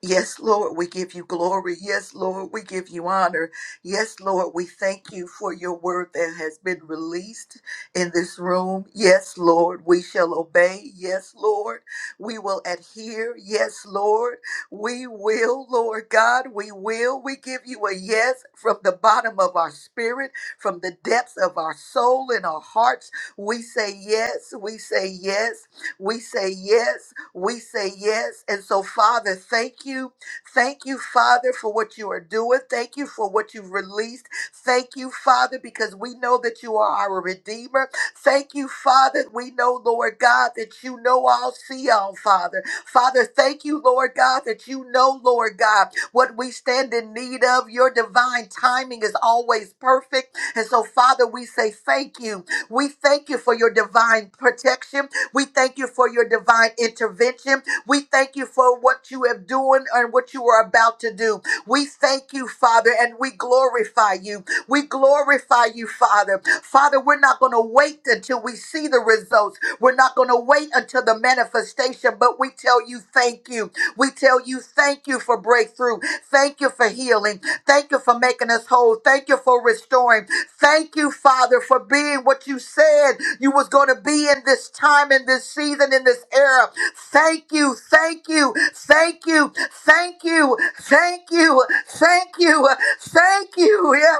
Speaker 7: Yes, Lord, we give you glory. Yes, Lord, we give you honor. Yes, Lord, we thank you for your word that has been released in this room. Yes, Lord, we shall obey. Yes, Lord, we will adhere. Yes, Lord, we will, Lord God, we will. We give you a yes from the bottom of our spirit, from the depths of our soul and our hearts. We say yes. We say yes. We say yes. We say yes. And so, Father, thank you. Thank you, Father, for what you are doing. Thank you for what you've released. Thank you, Father, because we know that you are our Redeemer. Thank you, Father. We know, Lord God, that you know all, see all, Father. Father, thank you, Lord God, that you know, Lord God, what we stand in need of. Your divine timing is always perfect. And so, Father, we say thank you. We thank you for your divine protection. We thank you for your divine intervention. We thank you for what you have doing and what you are about to do. We thank you, Father, and we glorify you. We glorify you, Father. Father, we're not going to wait until we see the results. We're not going to wait until the manifestation, but we tell you thank you. We tell you thank you for breakthrough. Thank you for healing. Thank you for making us whole. Thank you for restoring. Thank you, Father, for being what you said you was going to be in this time, in this season, in this era. Thank you, thank you, thank you, thank you, thank you, thank you, thank you. Yeah,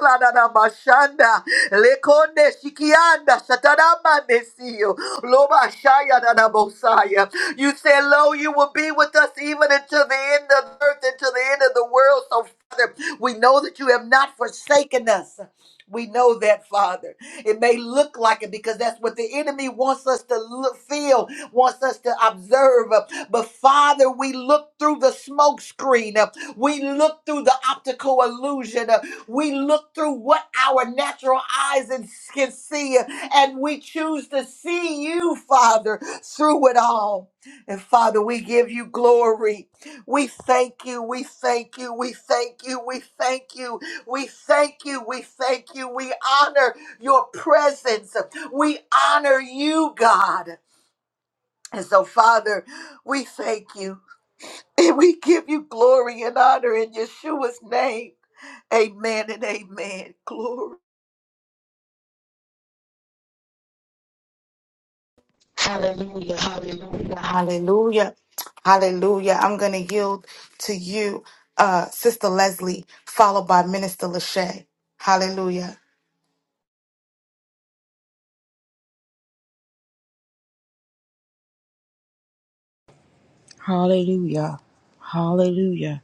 Speaker 7: Lekonde shikianda, satarama desio. You said, Lo, you will be with us even until the end of the earth, until the end of the world. So, Father, we know that you have not forsaken us. We know that, Father. It may look like it because that's what the enemy wants us to look, feel, wants us to observe. But Father, we look through the smoke screen. We look through the optical illusion. We look through what our natural eyes and- can see. And we choose to see you, Father, through it all. And Father, we give you glory. We thank you, we thank you, we thank you, we thank you, we thank you, we thank you. We honor your presence. We honor you, God. And so, Father, we thank you and we give you glory and honor in Yeshua's name. Amen and amen. Glory.
Speaker 1: Hallelujah, hallelujah, hallelujah, hallelujah. I'm going to yield to you, uh, Sister Leslie, followed by Minister Lachey. Hallelujah,
Speaker 5: Hallelujah. Hallelujah.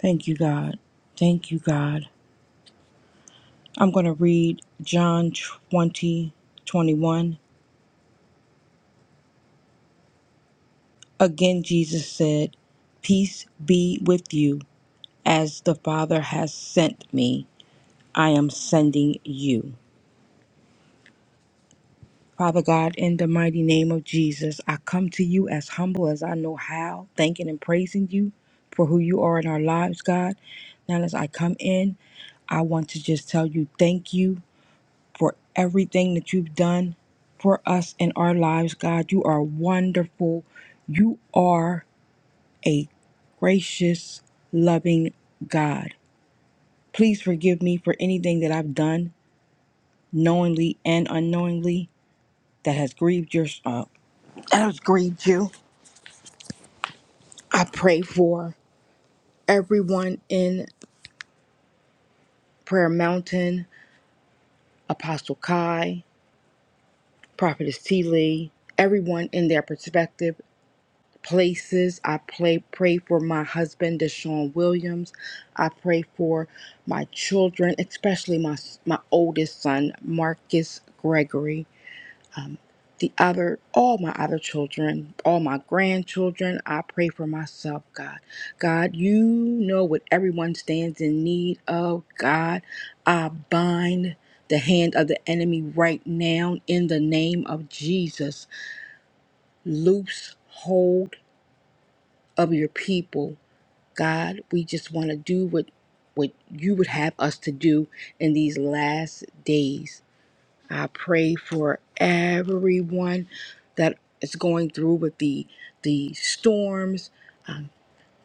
Speaker 5: Thank you, God. Thank you, God. I'm going to read John 20 21 Again, Jesus said, Peace be with you. As the Father has sent me, I am sending you. Father God, in the mighty name of Jesus, I come to you as humble as I know how, thanking and praising you for who you are in our lives, God. Now, as I come in, I want to just tell you thank you for everything that you've done for us in our lives, God. You are wonderful. You are a gracious, loving God. Please forgive me for anything that I've done knowingly and unknowingly, that has grieved your uh, that has grieved you. I pray for everyone in Prayer Mountain, Apostle Kai, Prophetess T. Lee, everyone in their perspective places. I pray pray for my husband, Deshaun Williams. I pray for my children, especially my my oldest son, Marcus Gregory. Um, the other, all my other children, all my grandchildren, I pray for myself, God. God, you know what everyone stands in need of. God, I bind the hand of the enemy right now in the name of Jesus. Loose hold of your people. God, we just want to do what what you would have us to do in these last days. I pray for everyone that is going through with the the storms,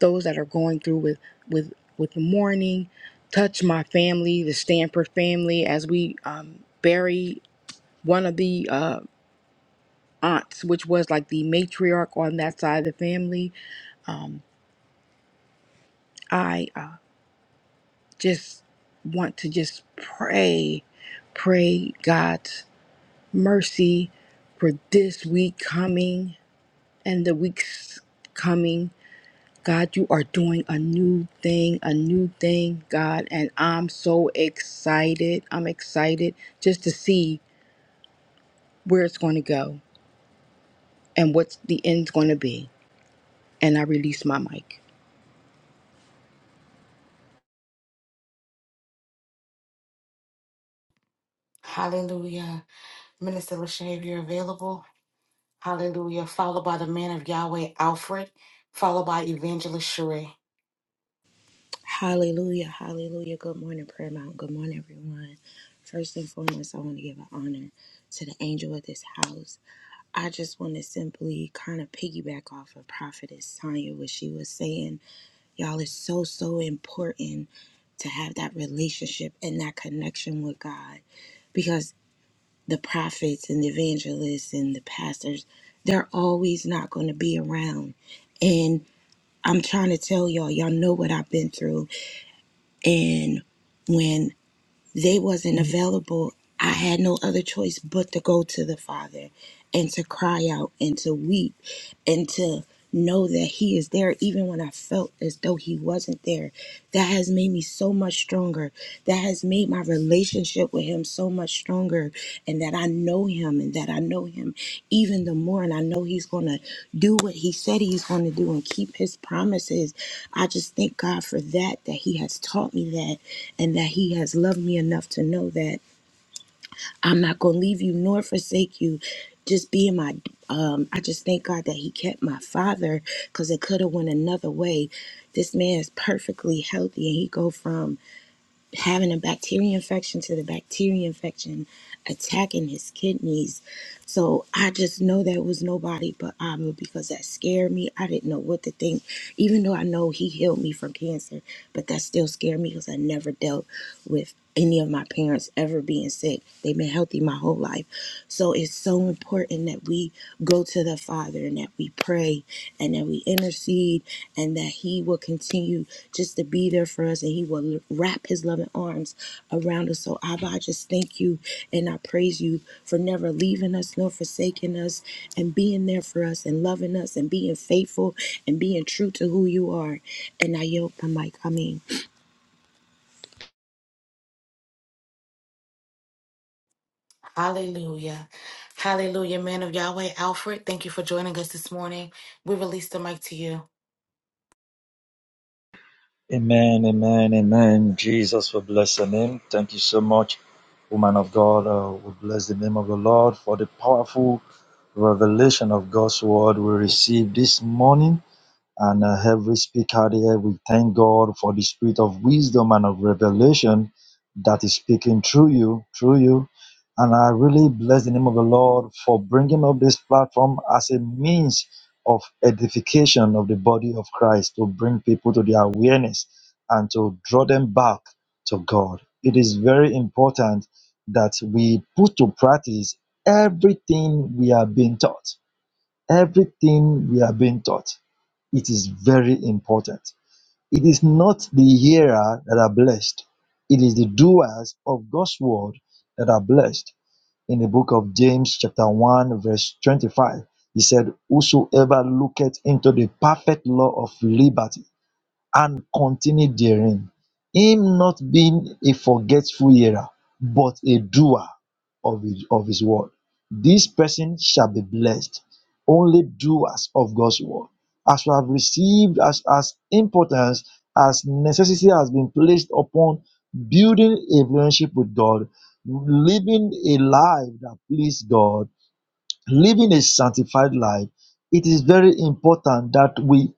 Speaker 5: those that are going through with with with the mourning. Touch my family, the Stanford family, as we um, bury one of the uh, aunts, which was like the matriarch on that side of the family. Um, I uh, just want to just pray, pray God's mercy for this week coming and the weeks coming. God, you are doing a new thing, a new thing, God. And I'm so excited. I'm excited just to see where it's going to go and what's the end's going to be. And I release my mic.
Speaker 1: hallelujah. Minister Lachey, if you're available, hallelujah. Followed by the man of Yahweh, Alfred, followed by Evangelist Sheree.
Speaker 3: Hallelujah. Hallelujah. Good morning, Prayer Mount. Good morning, everyone. First and foremost, I want to give an honor to the angel of this house. I just want to simply kind of piggyback off of Prophetess Tanya, what she was saying Y'all, it's so, so important to have that relationship and that connection with God because the prophets and the evangelists and the pastors, they're always not going to be around. And I'm trying to tell y'all, y'all know what I've been through. And when they wasn't available i had no other choice but to go to the father and to cry out and to weep and to know that he is there even when i felt as though he wasn't there that has made me so much stronger that has made my relationship with him so much stronger and that i know him and that i know him even the more and i know he's gonna do what he said he's going to do and keep his promises. I just thank God for that, that he has taught me that and that he has loved me enough to know that I'm not going to leave you nor forsake you. Just being my, um, I just thank God that he kept my father because it could have went another way. This man is perfectly healthy and he go from having a bacteria infection to the bacteria infection attacking his kidneys. So I just know that it was nobody but Abba because that scared me. I didn't know what to think, even though I know he healed me from cancer, but that still scared me because I never dealt with any of my parents ever being sick. They've been healthy my whole life. So it's so important that we go to the Father and that we pray and that we intercede and that He will continue just to be there for us. And He will wrap His loving arms around us. So, Abba, I just thank you and I praise you for never leaving us nor forsaking us and being there for us and loving us and being faithful and being true to who you are. And I yield my mic. I mean.
Speaker 1: Hallelujah. Hallelujah, man of Yahweh, Alfred. Thank you for joining us this morning. We release the mic to you.
Speaker 8: Amen, amen, amen. Jesus we bless the name. Thank you so much, woman of God. Uh, we bless the name of the Lord for the powerful revelation of God's word we received this morning. And uh, every speaker there, we thank God for the spirit of wisdom and of revelation that is speaking through you, through you. And I really bless the name of the Lord for bringing up this platform as a means of edification of the body of Christ to bring people to their awareness and to draw them back to God. It is very important that we put to practice everything we are being taught. Everything we are being taught it is very important. It is not the hearer that are blessed, it is the doers of God's word that are blessed. In the book of James, chapter 1, verse 25, he said, Whosoever looketh into the perfect law of liberty and continue therein, him not being a forgetful hearer, but a doer of his, of his word. This person shall be blessed. Only doers of God's word. As we have received, as, as importance, as necessity has been placed upon building a relationship with God, living a life that pleases God, living a sanctified life, it is very important that we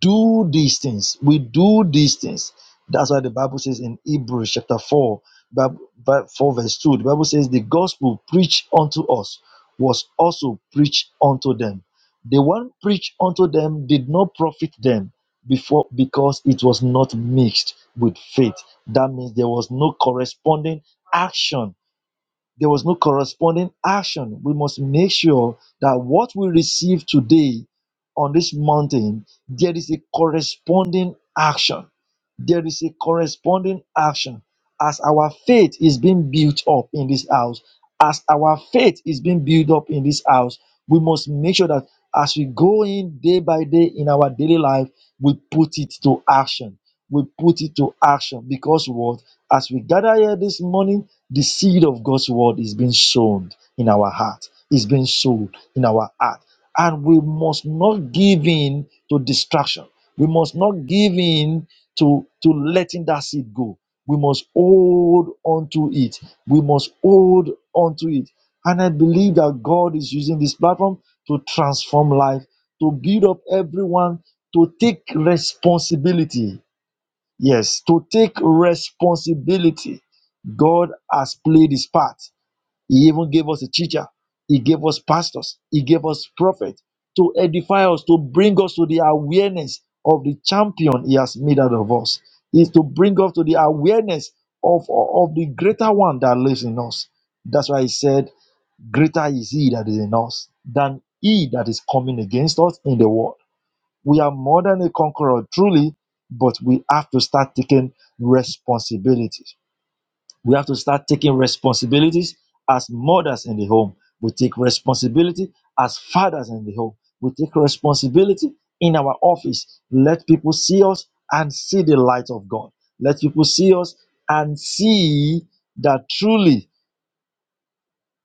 Speaker 8: do these things. We do these things. That's why the Bible says in Hebrews chapter 4, Bab- Bab- 4 verse 2, the Bible says, The gospel preached unto us was also preached unto them. The one preached unto them did not profit them before because it was not mixed with faith. That means there was no corresponding action there was no corresponding action. We must make sure that what we receive today on this mountain, there is a corresponding action. There is a corresponding action. As our faith is being built up in this house, as our faith is being built up in this house, we must make sure that as we go in day by day in our daily life, we put it to action. We put it to action because what? As we gather here this morning, the seed of God's word is being sown in our heart, is being sown in our heart. And we must not give in to distraction. We must not give in to, to letting that seed go. We must hold on to it. We must hold on to it. And I believe that God is using this platform to transform life, to build up everyone, to take responsibility Yes, to take responsibility. God has played his part. He even gave us a teacher. He gave us pastors. He gave us prophets to edify us, to bring us to the awareness of the champion he has made out of us. Is to bring us to the awareness of, of the greater one that lives in us. That's why he said, Greater is he that is in us than he that is coming against us in the world. We are more than a conqueror, truly, but we have to start taking responsibilities. We have to start taking responsibilities as mothers in the home. We take responsibility as fathers in the home. We take responsibility in our office. Let people see us and see the light of God. Let people see us and see that truly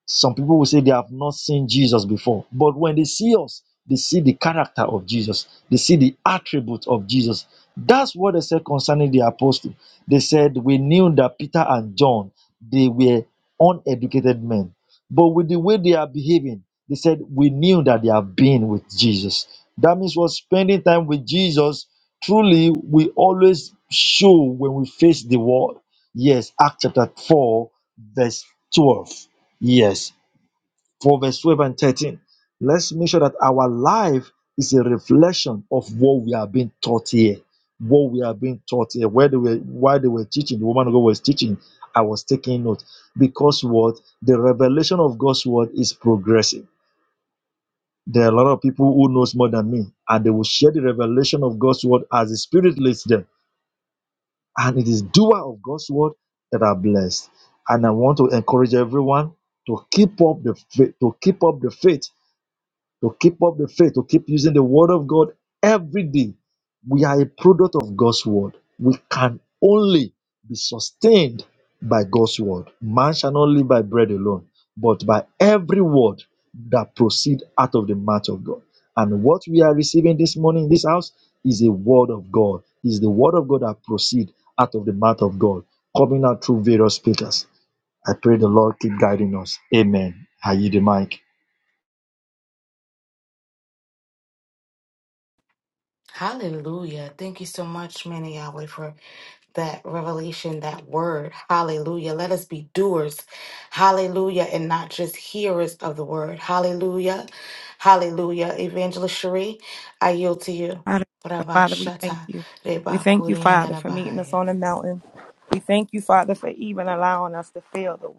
Speaker 8: some people will say they have not seen Jesus before, but when they see us, they see the character of Jesus, they see the attributes of Jesus. That's what they said concerning the apostle. They said, We knew that Peter and John they were uneducated men, but with the way they are behaving, they said, We knew that they have been with Jesus. That means we're spending time with Jesus. Truly, we always show when we face the world. Yes, Acts chapter 4, verse 12. Yes. For verse 12 and 13, let's make sure that our life is a reflection of what we are being taught here. What we are being taught here, where they were, why they were teaching, the woman of God was teaching, I was taking note. Because what? The revelation of God's word is progressive. There are a lot of people who knows more than me, and they will share the revelation of God's word as the Spirit leads them. And it is doer of God's word that are blessed. And I want to encourage everyone to keep up the faith, to keep up the faith to keep up the faith, to keep using the word of God every day. We are a product of God's word. We can only be sustained by God's word. Man shall not live by bread alone, but by every word that proceed out of the mouth of God. And what we are receiving this morning in this house is a word of God. Is the word of God that proceed out of the mouth of God, coming out through various speakers. I pray the Lord keep guiding us. Amen. I yield the mic.
Speaker 1: Hallelujah. Thank you so much, man of Yahweh, for that revelation, that word. Hallelujah. Let us be doers. Hallelujah. And not just hearers of the word. Hallelujah. Hallelujah. Evangelist Cherie, I yield to you.
Speaker 6: Father,
Speaker 1: Rabba
Speaker 6: Father, we thank
Speaker 1: Shata
Speaker 6: you. We
Speaker 1: Reba
Speaker 6: thank you, Father,
Speaker 1: Kurianda
Speaker 6: for meeting us
Speaker 1: Bahaya.
Speaker 6: on the mountain. We thank you, Father, for even allowing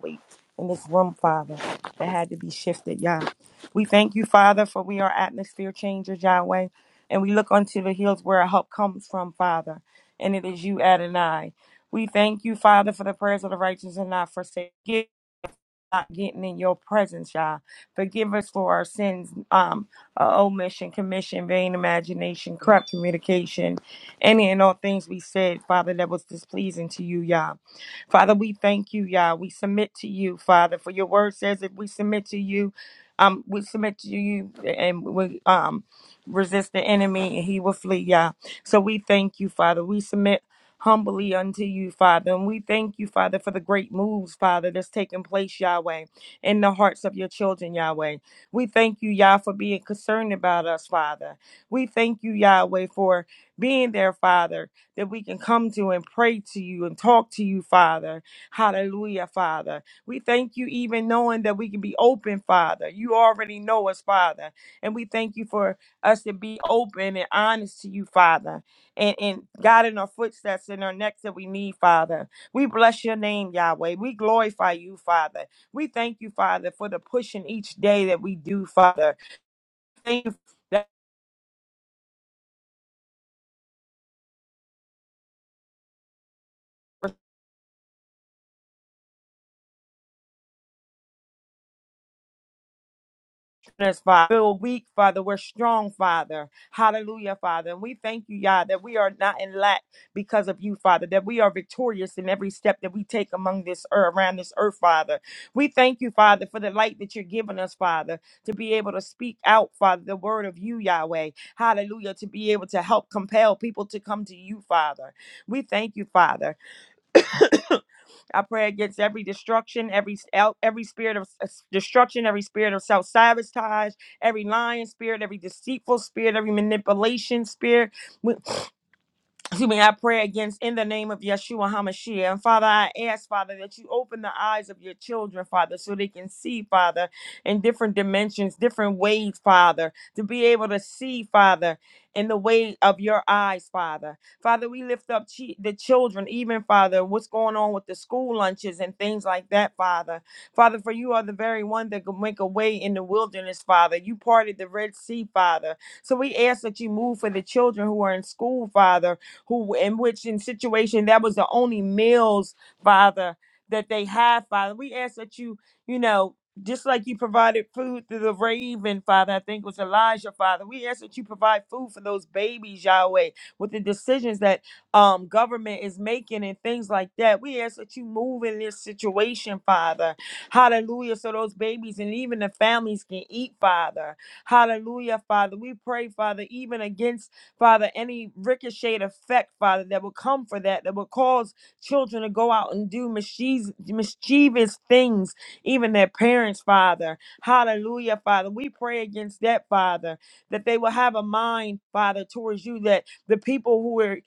Speaker 6: me in this room, Father. That, yeah, we feel changes, Yahweh, and we see the hills where our help comes from, Father. And it is you, Adonai. We thank you, Father, for the prayers of the righteous and not forsaken. Not getting in your God. Forgive us for our sins, um, uh, omission, commission, vain imagination, corrupt communication, any and all things we said, Father, that was displeasing to you, Yah. Father, we thank you, Yah. We submit to you, Father, for your word says if we submit to you, um, we submit to you and we um resist the enemy and he will flee, Yah. So we thank you, Father. We submit humbly unto you, Father. And we thank you, Father, for the great moves, Father, that's taking place, Yahweh, in the hearts of your children, Yahweh. We thank you, Yah, for being concerned about us, Father. We thank you, Yahweh, for being there, Father that we can come to and pray to you and talk to you, Father. Hallelujah, Father. We thank you even knowing that we can be open, Father. You already know us, Father. And we thank you for us to be open and honest to you, Father. And, and God in our footsteps and our necks that we need, Father. We bless your name, Yahweh. We glorify you, Father. We thank you, Father, for the pushing each day that we do, Father. Thank you. strengthen Father. We're weak, Father. We're strong, Father. Hallelujah, Father. And we thank you, Yah, that we are not in lack because of you, Father, that we are victorious in every step that we take among this earth, around this earth, Father. We thank you, Father, for the light that you're giving us, Father, to be able to speak out, Father, the word of you, Yahweh. Hallelujah, to be able to help compel people to come to you, Father. We thank you, Father. I pray against every destruction, every el- every spirit of s- destruction, every spirit of self sabotage, every lying spirit, every deceitful spirit, every manipulation spirit excuse me, I pray against in the name of Yeshua HaMashiach. And Father, I ask, Father, that you open the eyes of your children, Father, so they can see, Father, in different dimensions, different ways, Father, to be able to see, Father, in the way of your eyes, Father. Father, we lift up chi- the children, even, Father, what's going on with the school lunches and things like that, Father. Father, for you are the very one that can make a way in the wilderness, Father. You parted the Red Sea, Father. So we ask that you move for the children who are in school, Father who in which in situation that was the only meals, Father, that they have, Father. We ask that you, you know, just like you provided food through the raven, Father, I think it was Elijah, Father. We ask that you provide food for those babies, Yahweh, with the decisions that um government is making and things like that. We ask that you move in this situation, Father. Hallelujah. So those babies and even the families can eat, Father. Hallelujah, Father. We pray, Father, even against Father, any ricocheted effect, Father, that will come for that, that will cause children to go out and do mischievous, mischievous things, even their parents, Father. Hallelujah, Father. We pray against that, Father, that they will have a mind, Father, towards you, that the people who are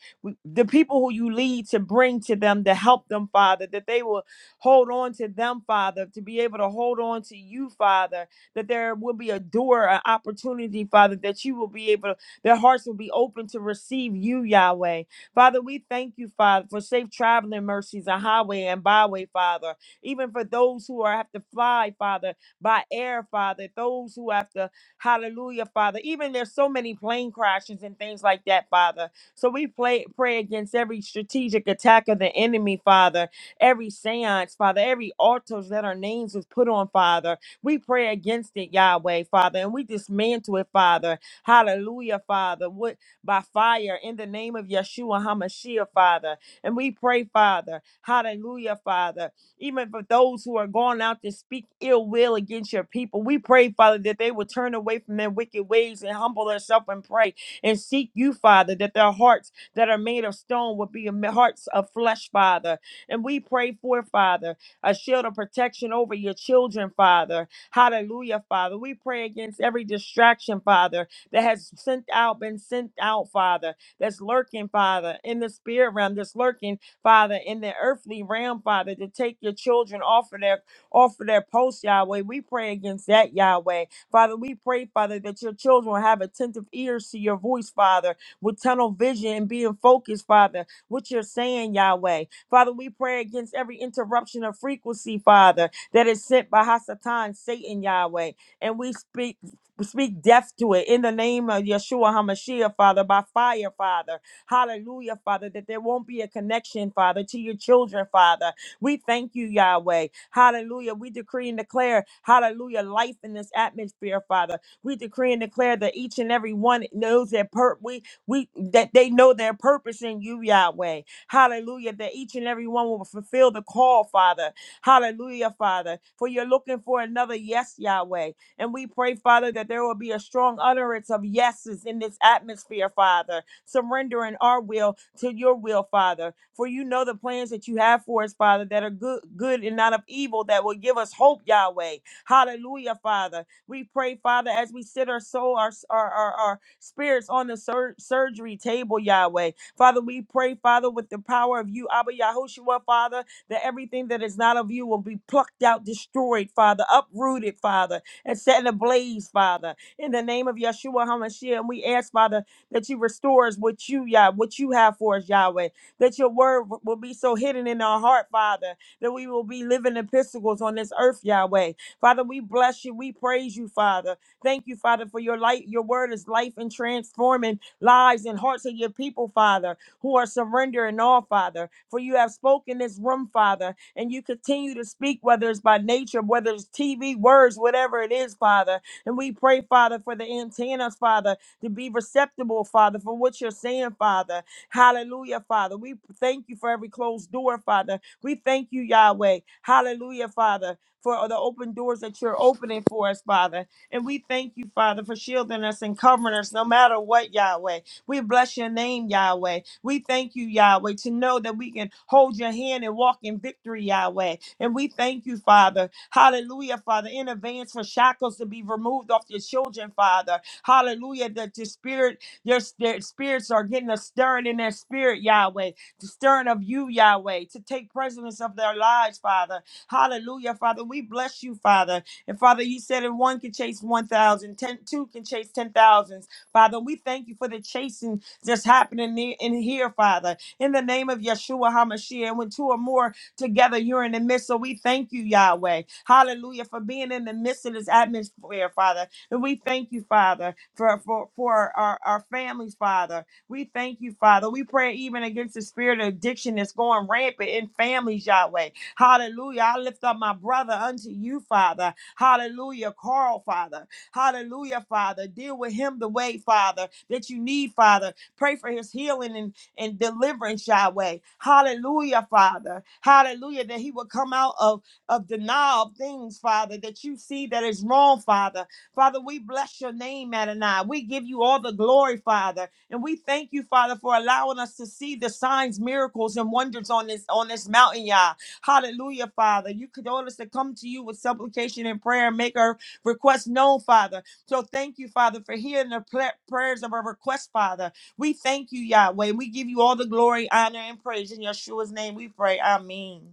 Speaker 6: the people who you lead to bring to them to help them, Father, that they will hold on to them, Father, to be able to hold on to you, Father, that there will be a door, an opportunity, Father, that you will be able to their hearts will be open to receive you, Yahweh. Father, we thank you, Father, for safe traveling mercies, a highway and byway, Father. Even for those who are have to fly, Father, by air, Father, those who have to, hallelujah, Father. Even there's so many plane crashes and things like that, Father. So we play, pray against every strategic attack of the enemy, Father, every seance, Father, every altars that our names was put on, Father. We pray against it, Yahweh, Father, and we dismantle it, Father. Hallelujah, Father. What by fire in the name of Yeshua HaMashiach, Father. And we pray, Father. Hallelujah, Father. Even for those who are going out to speak ill will against your people, we pray, Father, that they will turn away from their wicked ways and humble themselves and pray and seek you, Father, that their hearts that are made of stone will be am- hearts of flesh, Father. And we pray for, Father, a shield of protection over your children, Father. Hallelujah, Father. We pray against every distraction, Father that has sent out, been sent out, Father, that's lurking, Father, in the spirit realm, that's lurking, Father, in the earthly realm, Father, to take your children off of their off of their post, Yahweh. We pray against that, Yahweh. Father, we pray, Father, that your children will have attentive ears to your voice, Father, with tunnel vision and being focused, Father, what you're saying, Yahweh. Father, we pray against every interruption of frequency, Father, that is sent by Hasatan, Satan, Yahweh. And we speak. We speak death to it in the name of Yeshua HaMashiach, Father, by fire, Father. Hallelujah, Father, that there won't be a connection, Father, to your children, Father. We thank you, Yahweh. Hallelujah. We decree and declare, hallelujah, life in this atmosphere, Father. We decree and declare that each and every one knows their pur- we we that they know their purpose in you, Yahweh. Hallelujah. That each and every one will fulfill the call, Father. Hallelujah, Father. For you're looking for another yes, Yahweh. And we pray, Father, that there will be a strong utterance of yeses in this atmosphere, Father, surrendering our will to your will, Father. For you know the plans that you have for us, Father, that are good, good and not of evil, that will give us hope, Yahweh. Hallelujah, Father. We pray, Father, as we sit our soul, our, our, our, our spirits on the sur- surgery table, Yahweh. Father, we pray, Father, with the power of you, Abba Yahushua, Father, that everything that is not of you will be plucked out, destroyed, Father, uprooted, Father and setting ablaze, Father. In the name of Yeshua HaMashiach, and we ask, Father, that you restore us what you, Yah, what you have for us, Yahweh. That your word w- will be so hidden in our heart, Father, that we will be living epistles on this earth, Yahweh. Father, we bless you. We praise you, Father. Thank you, Father, for your light. Your word is life and transforming lives and hearts of your people, Father, who are surrendering all, Father. For you have spoken this room, Father and you continue to speak, whether it's by nature, whether it's TV, words, whatever it is, Father. And we pray, Father, for the antennas, Father, to be receptible, Father, for what you're saying, Father. Hallelujah, Father. We thank you for every closed door, Father. We thank you, Yahweh. Hallelujah, Father, for the open doors that you're opening for us, Father. And we thank you, Father, for shielding us and covering us no matter what, Yahweh. We bless your name, Yahweh. We thank you, Yahweh, to know that we can hold your hand and walk in victory, Yahweh. And we thank you, Father. Hallelujah, Father, in advance for shackles to be removed off your children, Father. Hallelujah, that your spirit, your, their spirits are getting a stirring in their spirit, Yahweh. The stirring of you, Yahweh, to take precedence of their lives, Father. Hallelujah, Father. We bless you, Father. And Father, you said if one can chase one thousand, ten, two can chase 10,000. Father, we thank you for the chasing that's happening ne- in here, Father. In the name of Yeshua HaMashiach, and when two or more together, you're in the midst. So we thank you, Yahweh. Hallelujah, for being in the midst of this atmosphere, Father. And we thank you, Father, for, for, for our, our families, Father. We thank you, Father. We pray even against the spirit of addiction that's going rampant in families, Yahweh. Hallelujah. I lift up my brother unto you, Father. Hallelujah. Carl, Father. Hallelujah, Father. Deal with him the way, Father, that you need, Father. Pray for his healing and, and deliverance, Yahweh. Hallelujah, Father. Hallelujah, that he will come out of, of denial of things, Father, that you see that is wrong, Father. Father, we bless your name, Adonai. We give you all the glory, Father. And we thank you, Father, for allowing us to see the signs, miracles, and wonders on this on this mountain, Yah. Hallelujah, Father. You could order us to come to you with supplication and prayer and make our requests known, Father. So thank you, Father, for hearing the pla- prayers of our request, Father. We thank you, Yahweh. We give you all the glory, honor, and praise in Yeshua's name. We pray. Amen.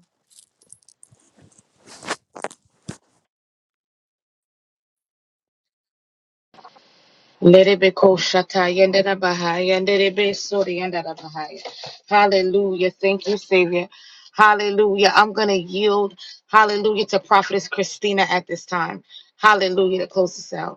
Speaker 1: Lerebe ko shata yendera bahaya, nderebe sori yendera bahaya. Hallelujah. Thank you, Savior. Hallelujah. I'm going to yield, hallelujah, to Prophetess Christina at this time. Hallelujah. To close this out.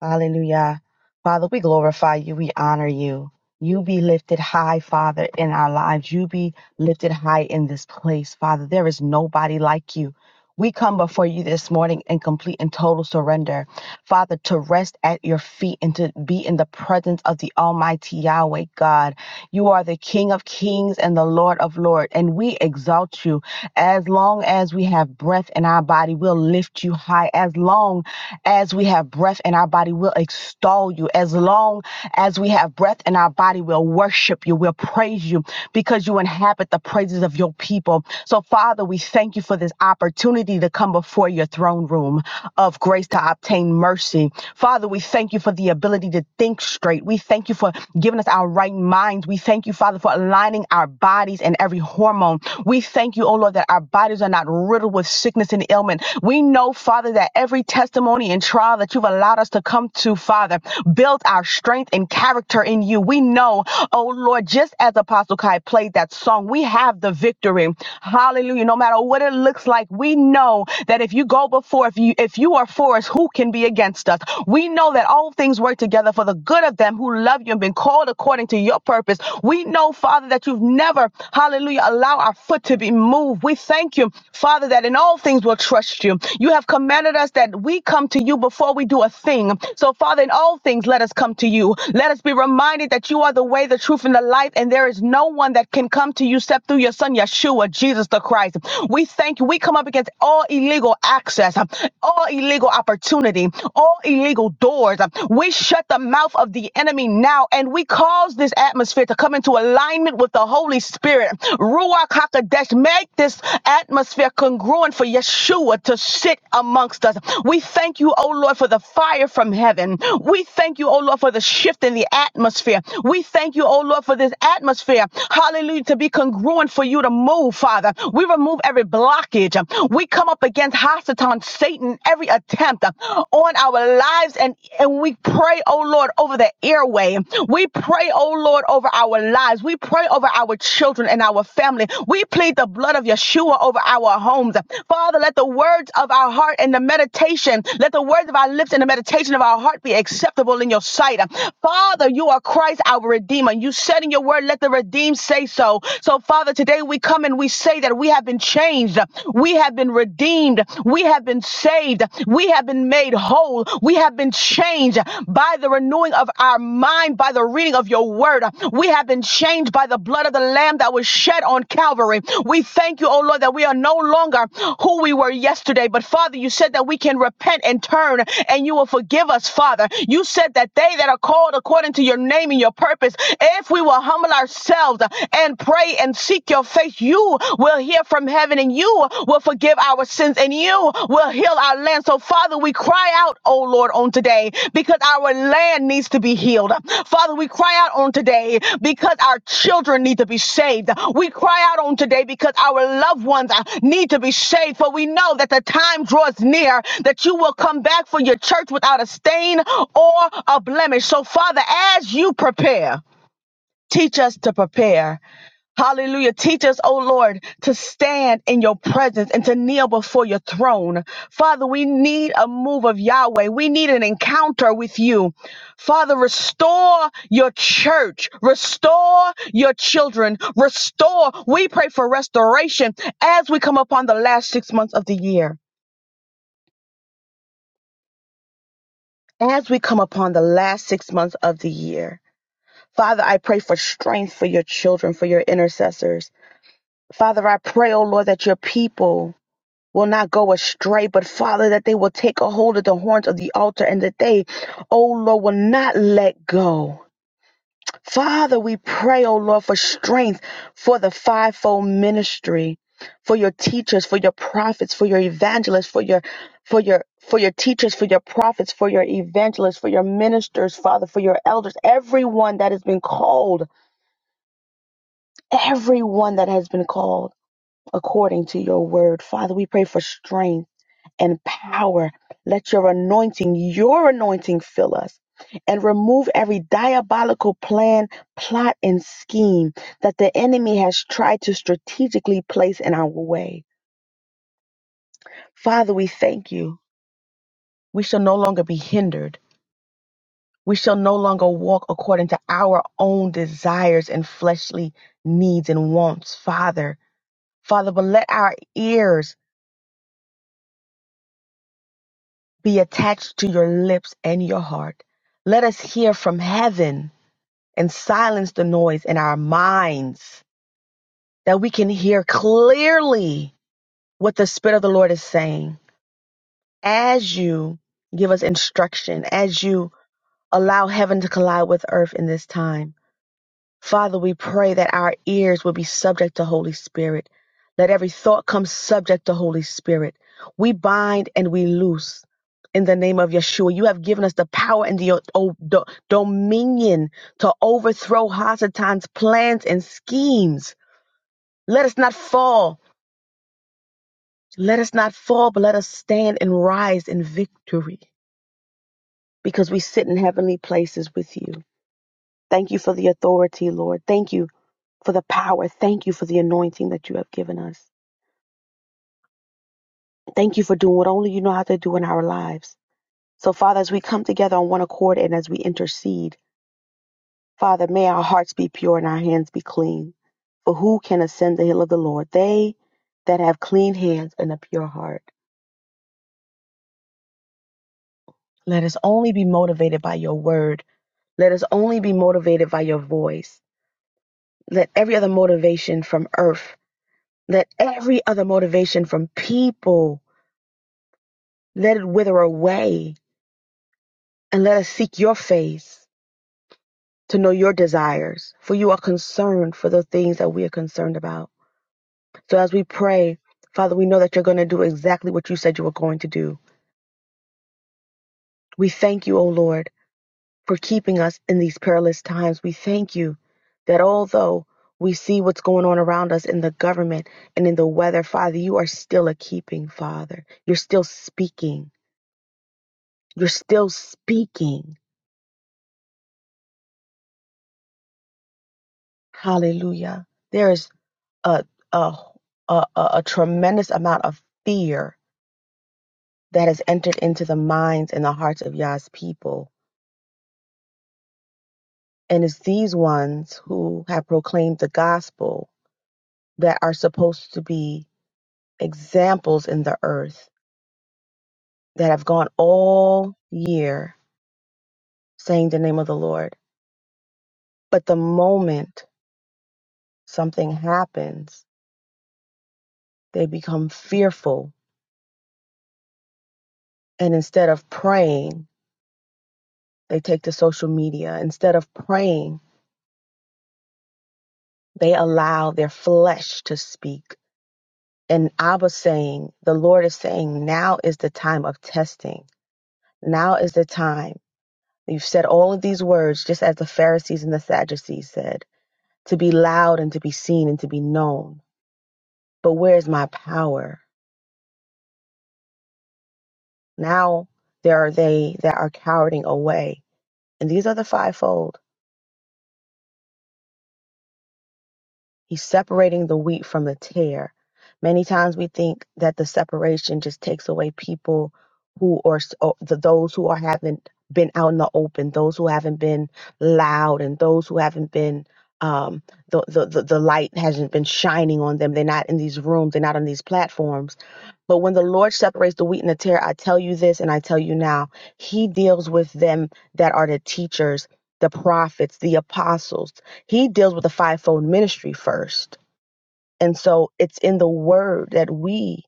Speaker 4: Hallelujah. Father, we glorify you. We honor you. You be lifted high, Father, in our lives. You be lifted high in this place, Father. There is nobody like you. We come before you this morning in complete and total surrender, Father, to rest at your feet and to be in the presence of the Almighty Yahweh God. You are the King of kings and the Lord of lords, and we exalt you. As long as we have breath in our body, we'll lift you high. As long as we have breath in our body, we'll extol you. As long as we have breath in our body, we'll worship you. We'll praise you because you inhabit the praises of your people. So, Father, we thank you for this opportunity to come before your throne room of grace to obtain mercy. Father, we thank you for the ability to think straight. We thank you for giving us our right minds. We thank you, Father, for aligning our bodies and every hormone. We thank you, oh Lord, that our bodies are not riddled with sickness and ailment. We know, Father, that every testimony testimony and trial that you've allowed us to come to, Father. Build our strength and character in you. We know, oh Lord, just as Apostle Kai played that song, we have the victory. Hallelujah. No matter what it looks like, we know that if you go before, if you if you are for us, who can be against us? We know that all things work together for the good of them who love you and been called according to your purpose. We know, Father, that you've never, hallelujah, allow our foot to be moved. We thank thank you, Father, that in all things we'll trust you. You have commanded us that we come to you before we do a thing. So, Father, in all things, let us come to you. Let us be reminded that you are the way, the truth, and the life, and there is no one that can come to you except through your Son, Yeshua, Jesus the Christ. We thank you. We come up against all illegal access, all illegal opportunity, all illegal doors. We shut the mouth of the enemy now, and we cause this atmosphere to come into alignment alignment with the Holy Spirit. Ruach HaKodesh, make this atmosphere congruent for Yeshua to sit amongst us. We thank you, O Lord, for the fire from heaven. We thank you, O Lord, for the shift in the atmosphere. We thank you, O Lord, for this atmosphere. Hallelujah, to be congruent for you to move, Father. We remove every blockage. We come up against Hasatan, Satan, every attempt on our lives, and, and we pray pray, oh Lord, over the airway. We pray, oh Lord, over our lives. We pray over our children and our family. We plead the blood of Yeshua over our homes. Father, let the words of our heart and the meditation, let the words of our lips and the meditation of our heart be acceptable in your sight. Father, you are Christ, our Redeemer. You said in your word, let the redeemed say so. So, Father, today we come and we say that we have been changed. We have been redeemed. We have been been saved. We have been made whole. We have been changed by the renewing of our mind, by the reading of your word. We have been changed by the blood of the Lamb that was shed on Calvary. We thank you, oh Lord, that we are no longer who we were yesterday. But Father, you said that we can repent and turn and you will forgive us, Father. You said that they that are called according to your name and your purpose, if we will humble ourselves and pray and seek your face, you you will hear from heaven and you will forgive our sins and you will heal our land. So, Father, we cry out, oh Lord, on today because our land needs to be healed. Father, we cry out on today because our children need to be saved. We cry out on today because our loved ones uh, need to be saved. For we know that the time draws near that you will come back for your church without a stain or a blemish. So, Father, as you prepare, Teach us to prepare. Hallelujah. Teach us, oh Lord, to stand in your presence and to kneel before your throne. Father, we need a move of Yahweh. We need an encounter with you. Father, restore your church. Restore your children. Restore. We pray for restoration as we come upon the last six months of the year. As we come upon the last six months of the year. Father, I pray for strength for your children, for your intercessors. Father, I pray, oh Lord, that your people will not go astray, but Father, that they will take a hold of the horns of the altar and that they, oh Lord, will not let go. Father, we pray, oh Lord, for strength for the fivefold ministry, for your teachers, for your prophets, for your evangelists, for your for your for your teachers, for your prophets, for your evangelists, for your ministers, Father, for your elders, everyone that has been called, everyone that has been called. according to your word. Father, we pray for strength and power. Let your anointing, your anointing fill us and remove every diabolical plan, plot, and scheme that the enemy has tried to strategically place in our way. Father, we thank you. We shall no longer be hindered. We shall no longer walk according to our own desires and fleshly needs and wants, Father. Father, but let our ears be attached to your lips and your heart. Let us hear from heaven and silence the noise in our minds that we can hear clearly what the Spirit of the Lord is saying. As you give us instruction, as you allow heaven to collide with earth in this time, Father, we pray that our ears will be subject to Holy Spirit. Let every thought come subject to Holy Spirit. We bind and we loose in the name of Yeshua. You have given us the power and the o- do- dominion to overthrow Hasatan's plans and schemes. Let us not fall. Let us not fall, but let us stand and rise in victory because we sit in heavenly places with you. Thank you for the authority, Lord. Thank you for the power. Thank you for the anointing that you have given us. Thank you for doing what only you know how to do in our lives. So, Father, as we come together on one accord and as we intercede, Father, may our hearts be pure and our hands be clean. For who can ascend the hill of the Lord? They that have clean hands and a pure heart. Let us only be motivated by your word. Let us only be motivated by your voice. Let every other motivation from earth, let every other motivation from people Let it wither away, and let us seek your face to know your desires, for you are concerned for the things that we are concerned about. So as we pray, Father, we know that you're going to do exactly what you said you were going to do. We thank you, O Lord, for keeping us in these perilous times. We thank you that although we see what's going on around us in the government and in the weather, Father, you are still a keeping Father. You're still speaking. You're still speaking. Hallelujah. There is a a a, a tremendous amount of fear that has entered into the minds and the hearts of Yah's people. And it's these ones who have proclaimed the gospel that are supposed to be examples in the earth that have gone all year saying the name of the Lord. But the moment something happens, they become fearful. And instead of praying, they take to social media. Instead of praying, They allow their flesh to speak. And Abba saying, the Lord is saying, now is the time of testing. Now is the time. You've said all of these words, just as the Pharisees and the Sadducees said, to be loud and to be seen and to be known. But where is my power? Now there are they that are cowering away. And these are the fivefold. He's separating the wheat from the tare. Many times we think that the separation just takes away people who are s- o- the those who are haven't been out in the open, those who haven't been loud, and those who haven't been um, the, the the the light hasn't been shining on them. They're not in these rooms. They're not on these platforms. But when the Lord separates the wheat and the tare, I tell you this and I tell you now, He deals with them that are the teachers, the prophets, the apostles. He deals with the fivefold ministry first. And so it's in the word that we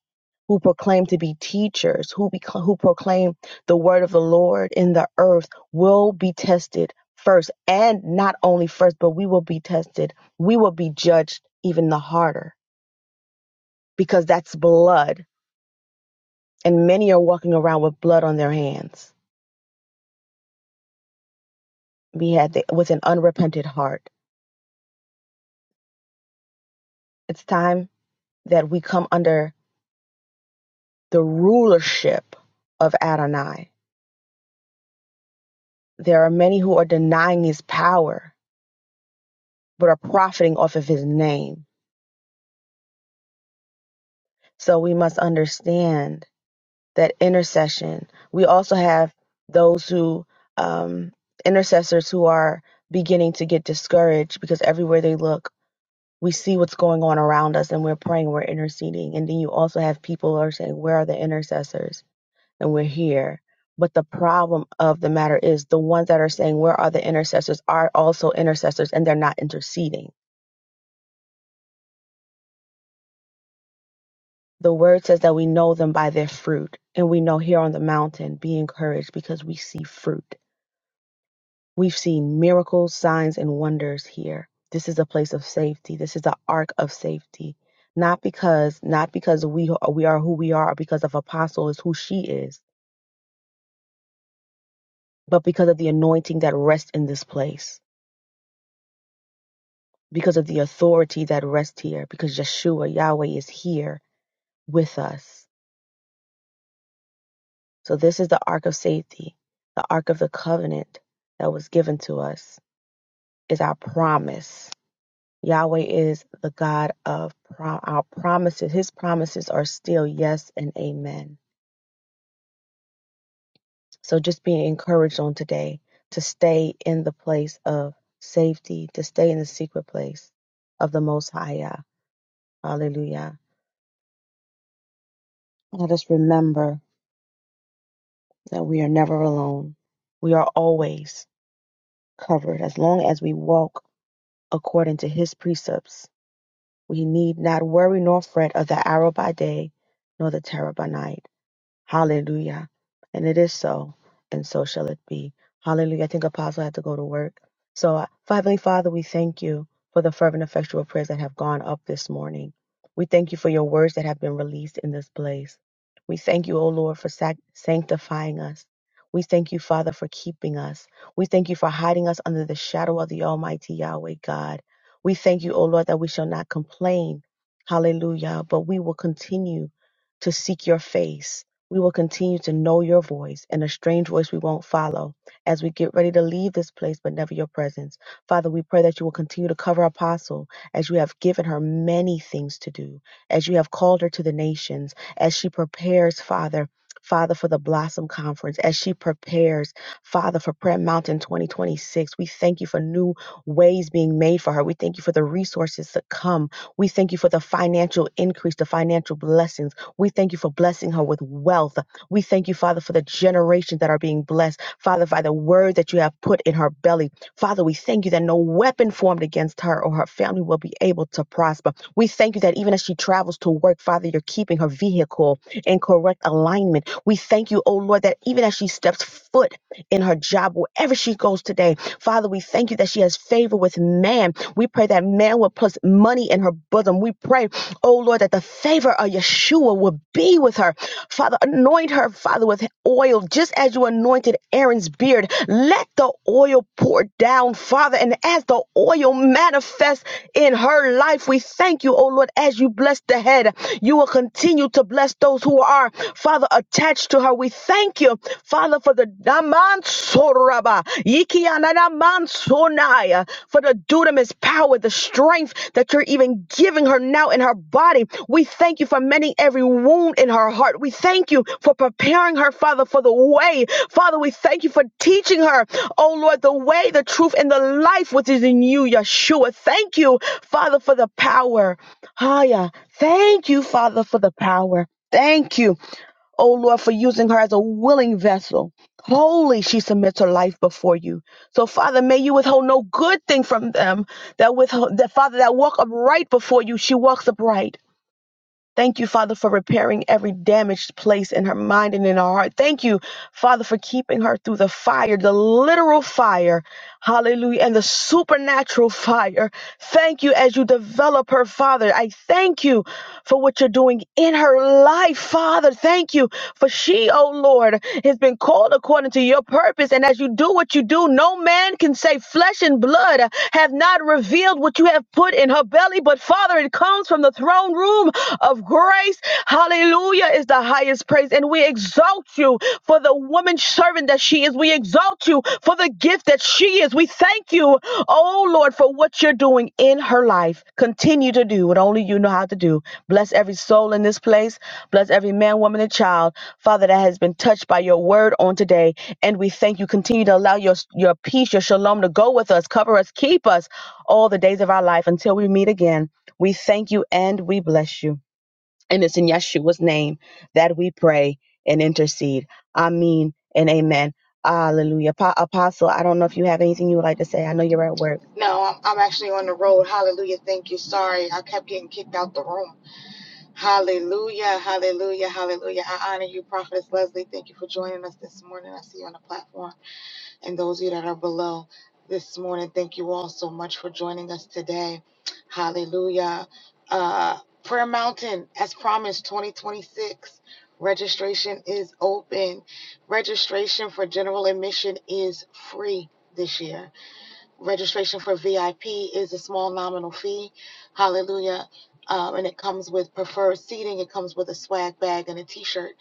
Speaker 4: who proclaim to be teachers, who, be, who proclaim the word of the Lord in the earth, will be tested first. And not only first, but we will be tested. We will be judged even the harder because that's blood. And many are walking around with blood on their hands. We had the, with an unrepented heart. It's time that we come under the rulership of Adonai There are many who are denying his power, but are profiting off of his name. So we must understand that intercession. We also have those who, um, intercessors who are beginning to get discouraged because everywhere they look, we see what's going on around us and we're praying, we're interceding. And then you also have people who are saying, Where are the intercessors? And we're here. But the problem of the matter is the ones that are saying, Where are the intercessors? are also intercessors and they're not interceding the word says that we know them by their fruit. And we know here on the mountain, be encouraged because we see fruit. We've seen miracles, signs, and wonders here. This is a place of safety. This is the ark of safety. Not because, not because we, we are who we are, or because of apostle is who she is, but because of the anointing that rests in this place, because of the authority that rests here, because Yeshua, Yahweh is here with us. So this is the ark of safety, the ark of the covenant that was given to us is our promise. Yahweh is the God of prom- our promises. His promises are still yes and amen. So just being encouraged on today to stay in the place of safety, to stay in the secret place of the Most High. Yah. Hallelujah. Let us remember that we are never alone. We are always covered as long as we walk according to His precepts We need not worry nor fret of the arrow by day, nor the terror by night. Hallelujah. And it is so, and so shall it be. Hallelujah. I think Apostle had to go to work. So, uh, Heavenly Father, we thank you for the fervent, effectual prayers that have gone up this morning. We thank you for your words that have been released in this place. We thank you, O Lord, for sac- sanctifying us. We thank you, Father, for keeping us. We thank you for hiding us under the shadow of the Almighty Yahweh God. We thank you, O Lord, that we shall not complain. Hallelujah. But we will continue to seek your face. We will continue to know your voice and a strange voice we won't follow as we get ready to leave this place, but never your presence. Father, we pray that you will continue to cover Apostle as you have given her many things to do, as you have called her to the nations, as she prepares, Father. Father, for the Blossom Conference, as she prepares, Father, for Prayer Mountain 2026, we thank you for new ways being made for her. We thank you for the resources to come. We thank you for the financial increase, the financial blessings. We thank you for blessing her with wealth. We thank you, Father, for the generations that are being blessed. Father, by the word that you have put in her belly. Father, we thank you that no weapon formed against her or her family will be able to prosper. We thank you that even as she travels to work, Father, you're keeping her vehicle in correct alignment. We thank you, oh Lord, that even as she steps foot in her job, wherever she goes today, Father, we thank you that she has favor with man. We pray that man will put money in her bosom. We pray Oh Lord, that the favor of Yeshua will be with her. Father, anoint her, Father, with oil, just as you anointed Aaron's beard. Let the oil pour down, Father, and as the oil manifests in her life, we thank you, oh Lord, as you bless the head, you will continue to bless those who are, Father, attached to her. We thank you Father, for the Damansoraba, Yikiananamansonaya, for the dunamis power, the strength that you're even giving her now in her body. We thank you for mending every wound in her heart. We thank you for preparing her, Father, for the way. Father, we thank you for teaching her, oh Lord, the way, the truth, and the life which is in you, Yeshua. Thank you, Father, for the power. Haya. Thank you, Father, for the power. Thank you. O Lord, for using her as a willing vessel. Holy, she submits her life before you. So, Father, may you withhold no good thing from them that with that Father that walk upright before you, she walks upright. Thank you, Father, for repairing every damaged place in her mind and in her heart. Thank you, Father, for keeping her through the fire, the literal fire, hallelujah, and the supernatural fire. Thank you as you develop her, Father. I thank you for what you're doing in her life, Father. Thank you for she, oh Lord, has been called according to your purpose. And as you do what you do, no man can say flesh and blood have not revealed what you have put in her belly. But Father, it comes from the throne room of grace. Hallelujah is the highest praise. And we exalt you for the woman servant that she is. We exalt you for the gift that she is. We thank you, oh Lord, for what you're doing in her life. Continue to do what only you know how to do. Bless every soul in this place. Bless every man, woman, and child, Father, that has been touched by your word on today. And we thank you. Continue to allow your, your peace, your shalom to go with us, cover us, keep us all the days of our life until we meet again. We thank you and we bless you. And it's in Yeshua's name that we pray and intercede. Amen and amen. Hallelujah. Pa- Apostle, I don't know if you have anything you would like to say. I know you're at work.
Speaker 1: No, I'm, I'm actually on the road. Hallelujah. Thank you. Sorry, I kept getting kicked out the room. Hallelujah. Hallelujah. Hallelujah. I honor you, Prophetess Leslie. Thank you for joining us this morning. I see you on the platform. And those of you that are below this morning, thank you all so much for joining us today. Hallelujah. Uh, Prayer Mountain, as promised, 2026. Registration is open. Registration for general admission is free this year Registration for VIP is a small nominal fee. Hallelujah. Um, and it comes with preferred seating. It comes with a swag bag and a t shirt.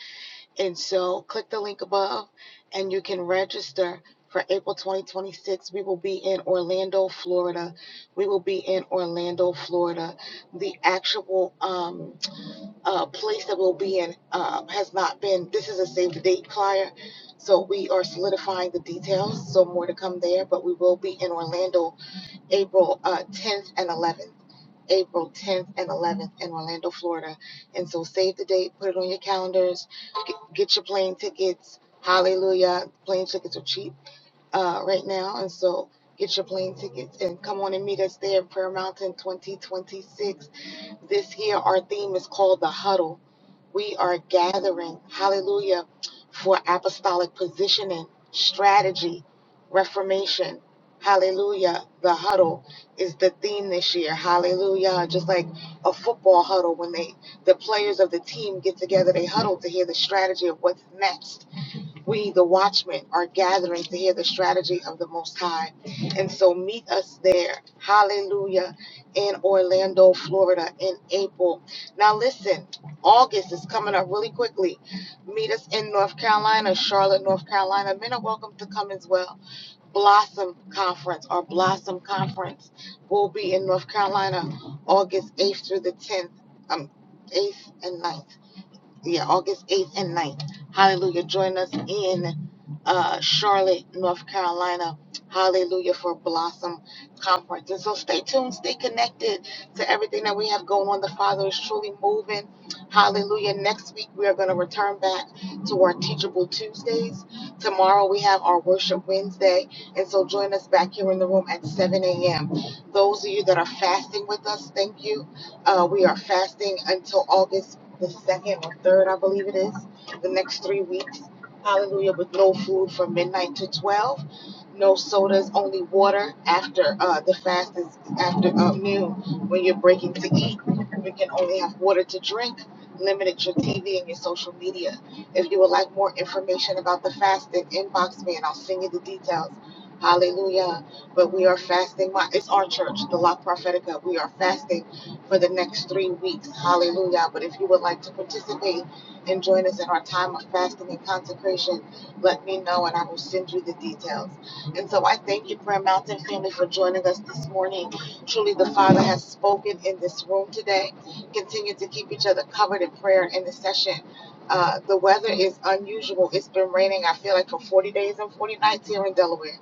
Speaker 1: And so click the link above and you can register for April 2026. We will be in Orlando, Florida. We will be in Orlando, Florida. The actual um, uh, place that we'll be in um, has not been, this is a save the date flyer. So we are solidifying the details. So more to come there, but we will be in Orlando April uh, 10th and 11th. April 10th and 11th in Orlando, Florida. And so save the date, put it on your calendars, get, get your plane tickets. Holla, plane tickets are cheap uh, right now. And so get your plane tickets and come on and meet us there in Prayer Mountain 2026. This year, our theme is called The Huddle. We are gathering, hallelujah, for apostolic positioning, strategy, Hallelujah. The huddle is the theme this year. Hallelujah. Just like a football huddle when they the players of the team get together, they huddle to hear the strategy of what's next. We, the watchmen, are gathering to hear the strategy of the Most High. And so meet us there. Hallelujah. In Orlando, Florida in April. Now listen, August is coming up really quickly. Meet us in North Carolina, Charlotte, North Carolina. Men are welcome to come as well Blossom Conference or Blossom Conference will be in North Carolina August 8th through the 10th, um, 8th and ninth yeah, August 8th and ninth. Hallelujah. Join us in uh, Charlotte, North Carolina. Hallelujah for Blossom Conference. And so stay tuned, stay connected to everything that we have going on. The Father is truly moving. Hallelujah. Next week, we are going to return back to our Teachable Tuesdays. Tomorrow, we have our Worship Wednesday. And so join us back here in the room at 7 a.m. Those of you that are fasting with us, thank you. Uh, we are fasting until August the second or third, I believe it is, the next three weeks. Hallelujah, with no food from midnight to 12, no sodas, only water after uh, the fast is after uh, noon when you're breaking to eat. You can only have water to drink, limited your TV and your social media. If you would like more information about the fasting, inbox me and I'll send you the details. Hallelujah. But we are fasting. My, it's our church, the La Prophetica. We are fasting for the next three weeks. Hallelujah. But if you would like to participate and join us in our time of fasting and consecration, let me know and I will send you the details. And so I thank you, Prayer Mountain family, for joining us this morning. Truly, the Father has spoken in this room today. Continue to keep each other covered in prayer and intercession. Uh, the weather is unusual. It's been raining, I feel like, for 40 days and 40 nights here in Delaware.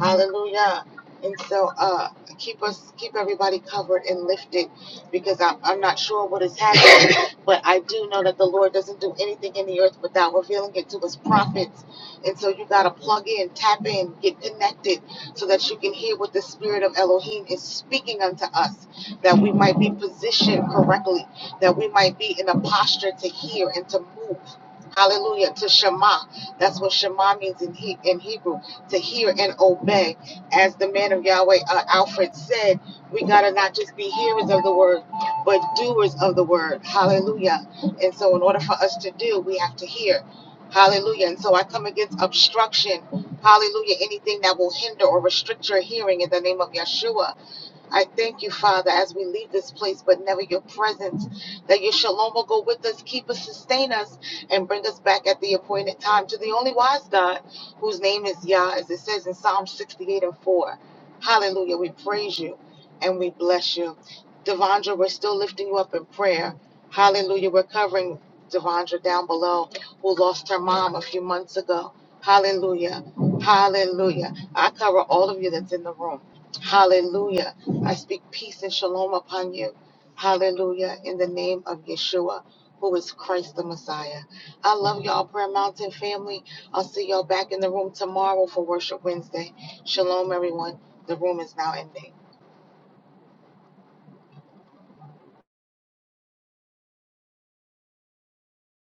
Speaker 1: Hallelujah. And so uh, keep us, keep everybody covered and lifted because I, I'm not sure what is happening, (coughs) but I do know that the Lord doesn't do anything in the earth without revealing it to his prophets. And so you got to plug in, tap in, get connected so that you can hear what the spirit of Elohim is speaking unto us, that we might be positioned correctly, that we might be in a posture to hear and to move. Hallelujah to Shema. That's what Shema means in, he- in Hebrew to hear and obey. As the man of Yahweh, uh, Alfred, said, we got to not just be hearers of the word, but doers of the word. Hallelujah. And so, in order for us to do, we have to hear. Hallelujah. And so, I come against obstruction. Hallelujah. Anything that will hinder or restrict your hearing in the name of Yeshua. I thank you, Father, as we leave this place, but never your presence, that your shalom will go with us, keep us, sustain us, and bring us back at the appointed time to the only wise God, whose name is Yah, as it says in Psalm 68 and 4. Hallelujah. We praise you and we bless you. Devondra, we're still lifting you up in prayer. Hallelujah. We're covering Devondra down below, who lost her mom a few months ago. Hallelujah. Hallelujah. I cover all of you that's in the room. Hallelujah. I speak peace and shalom upon you. Hallelujah. In the name of Yeshua, who is Christ the Messiah. I love y'all, Prayer Mountain family. I'll see y'all back in the room tomorrow for Worship Wednesday. Shalom, everyone. The room is now ending.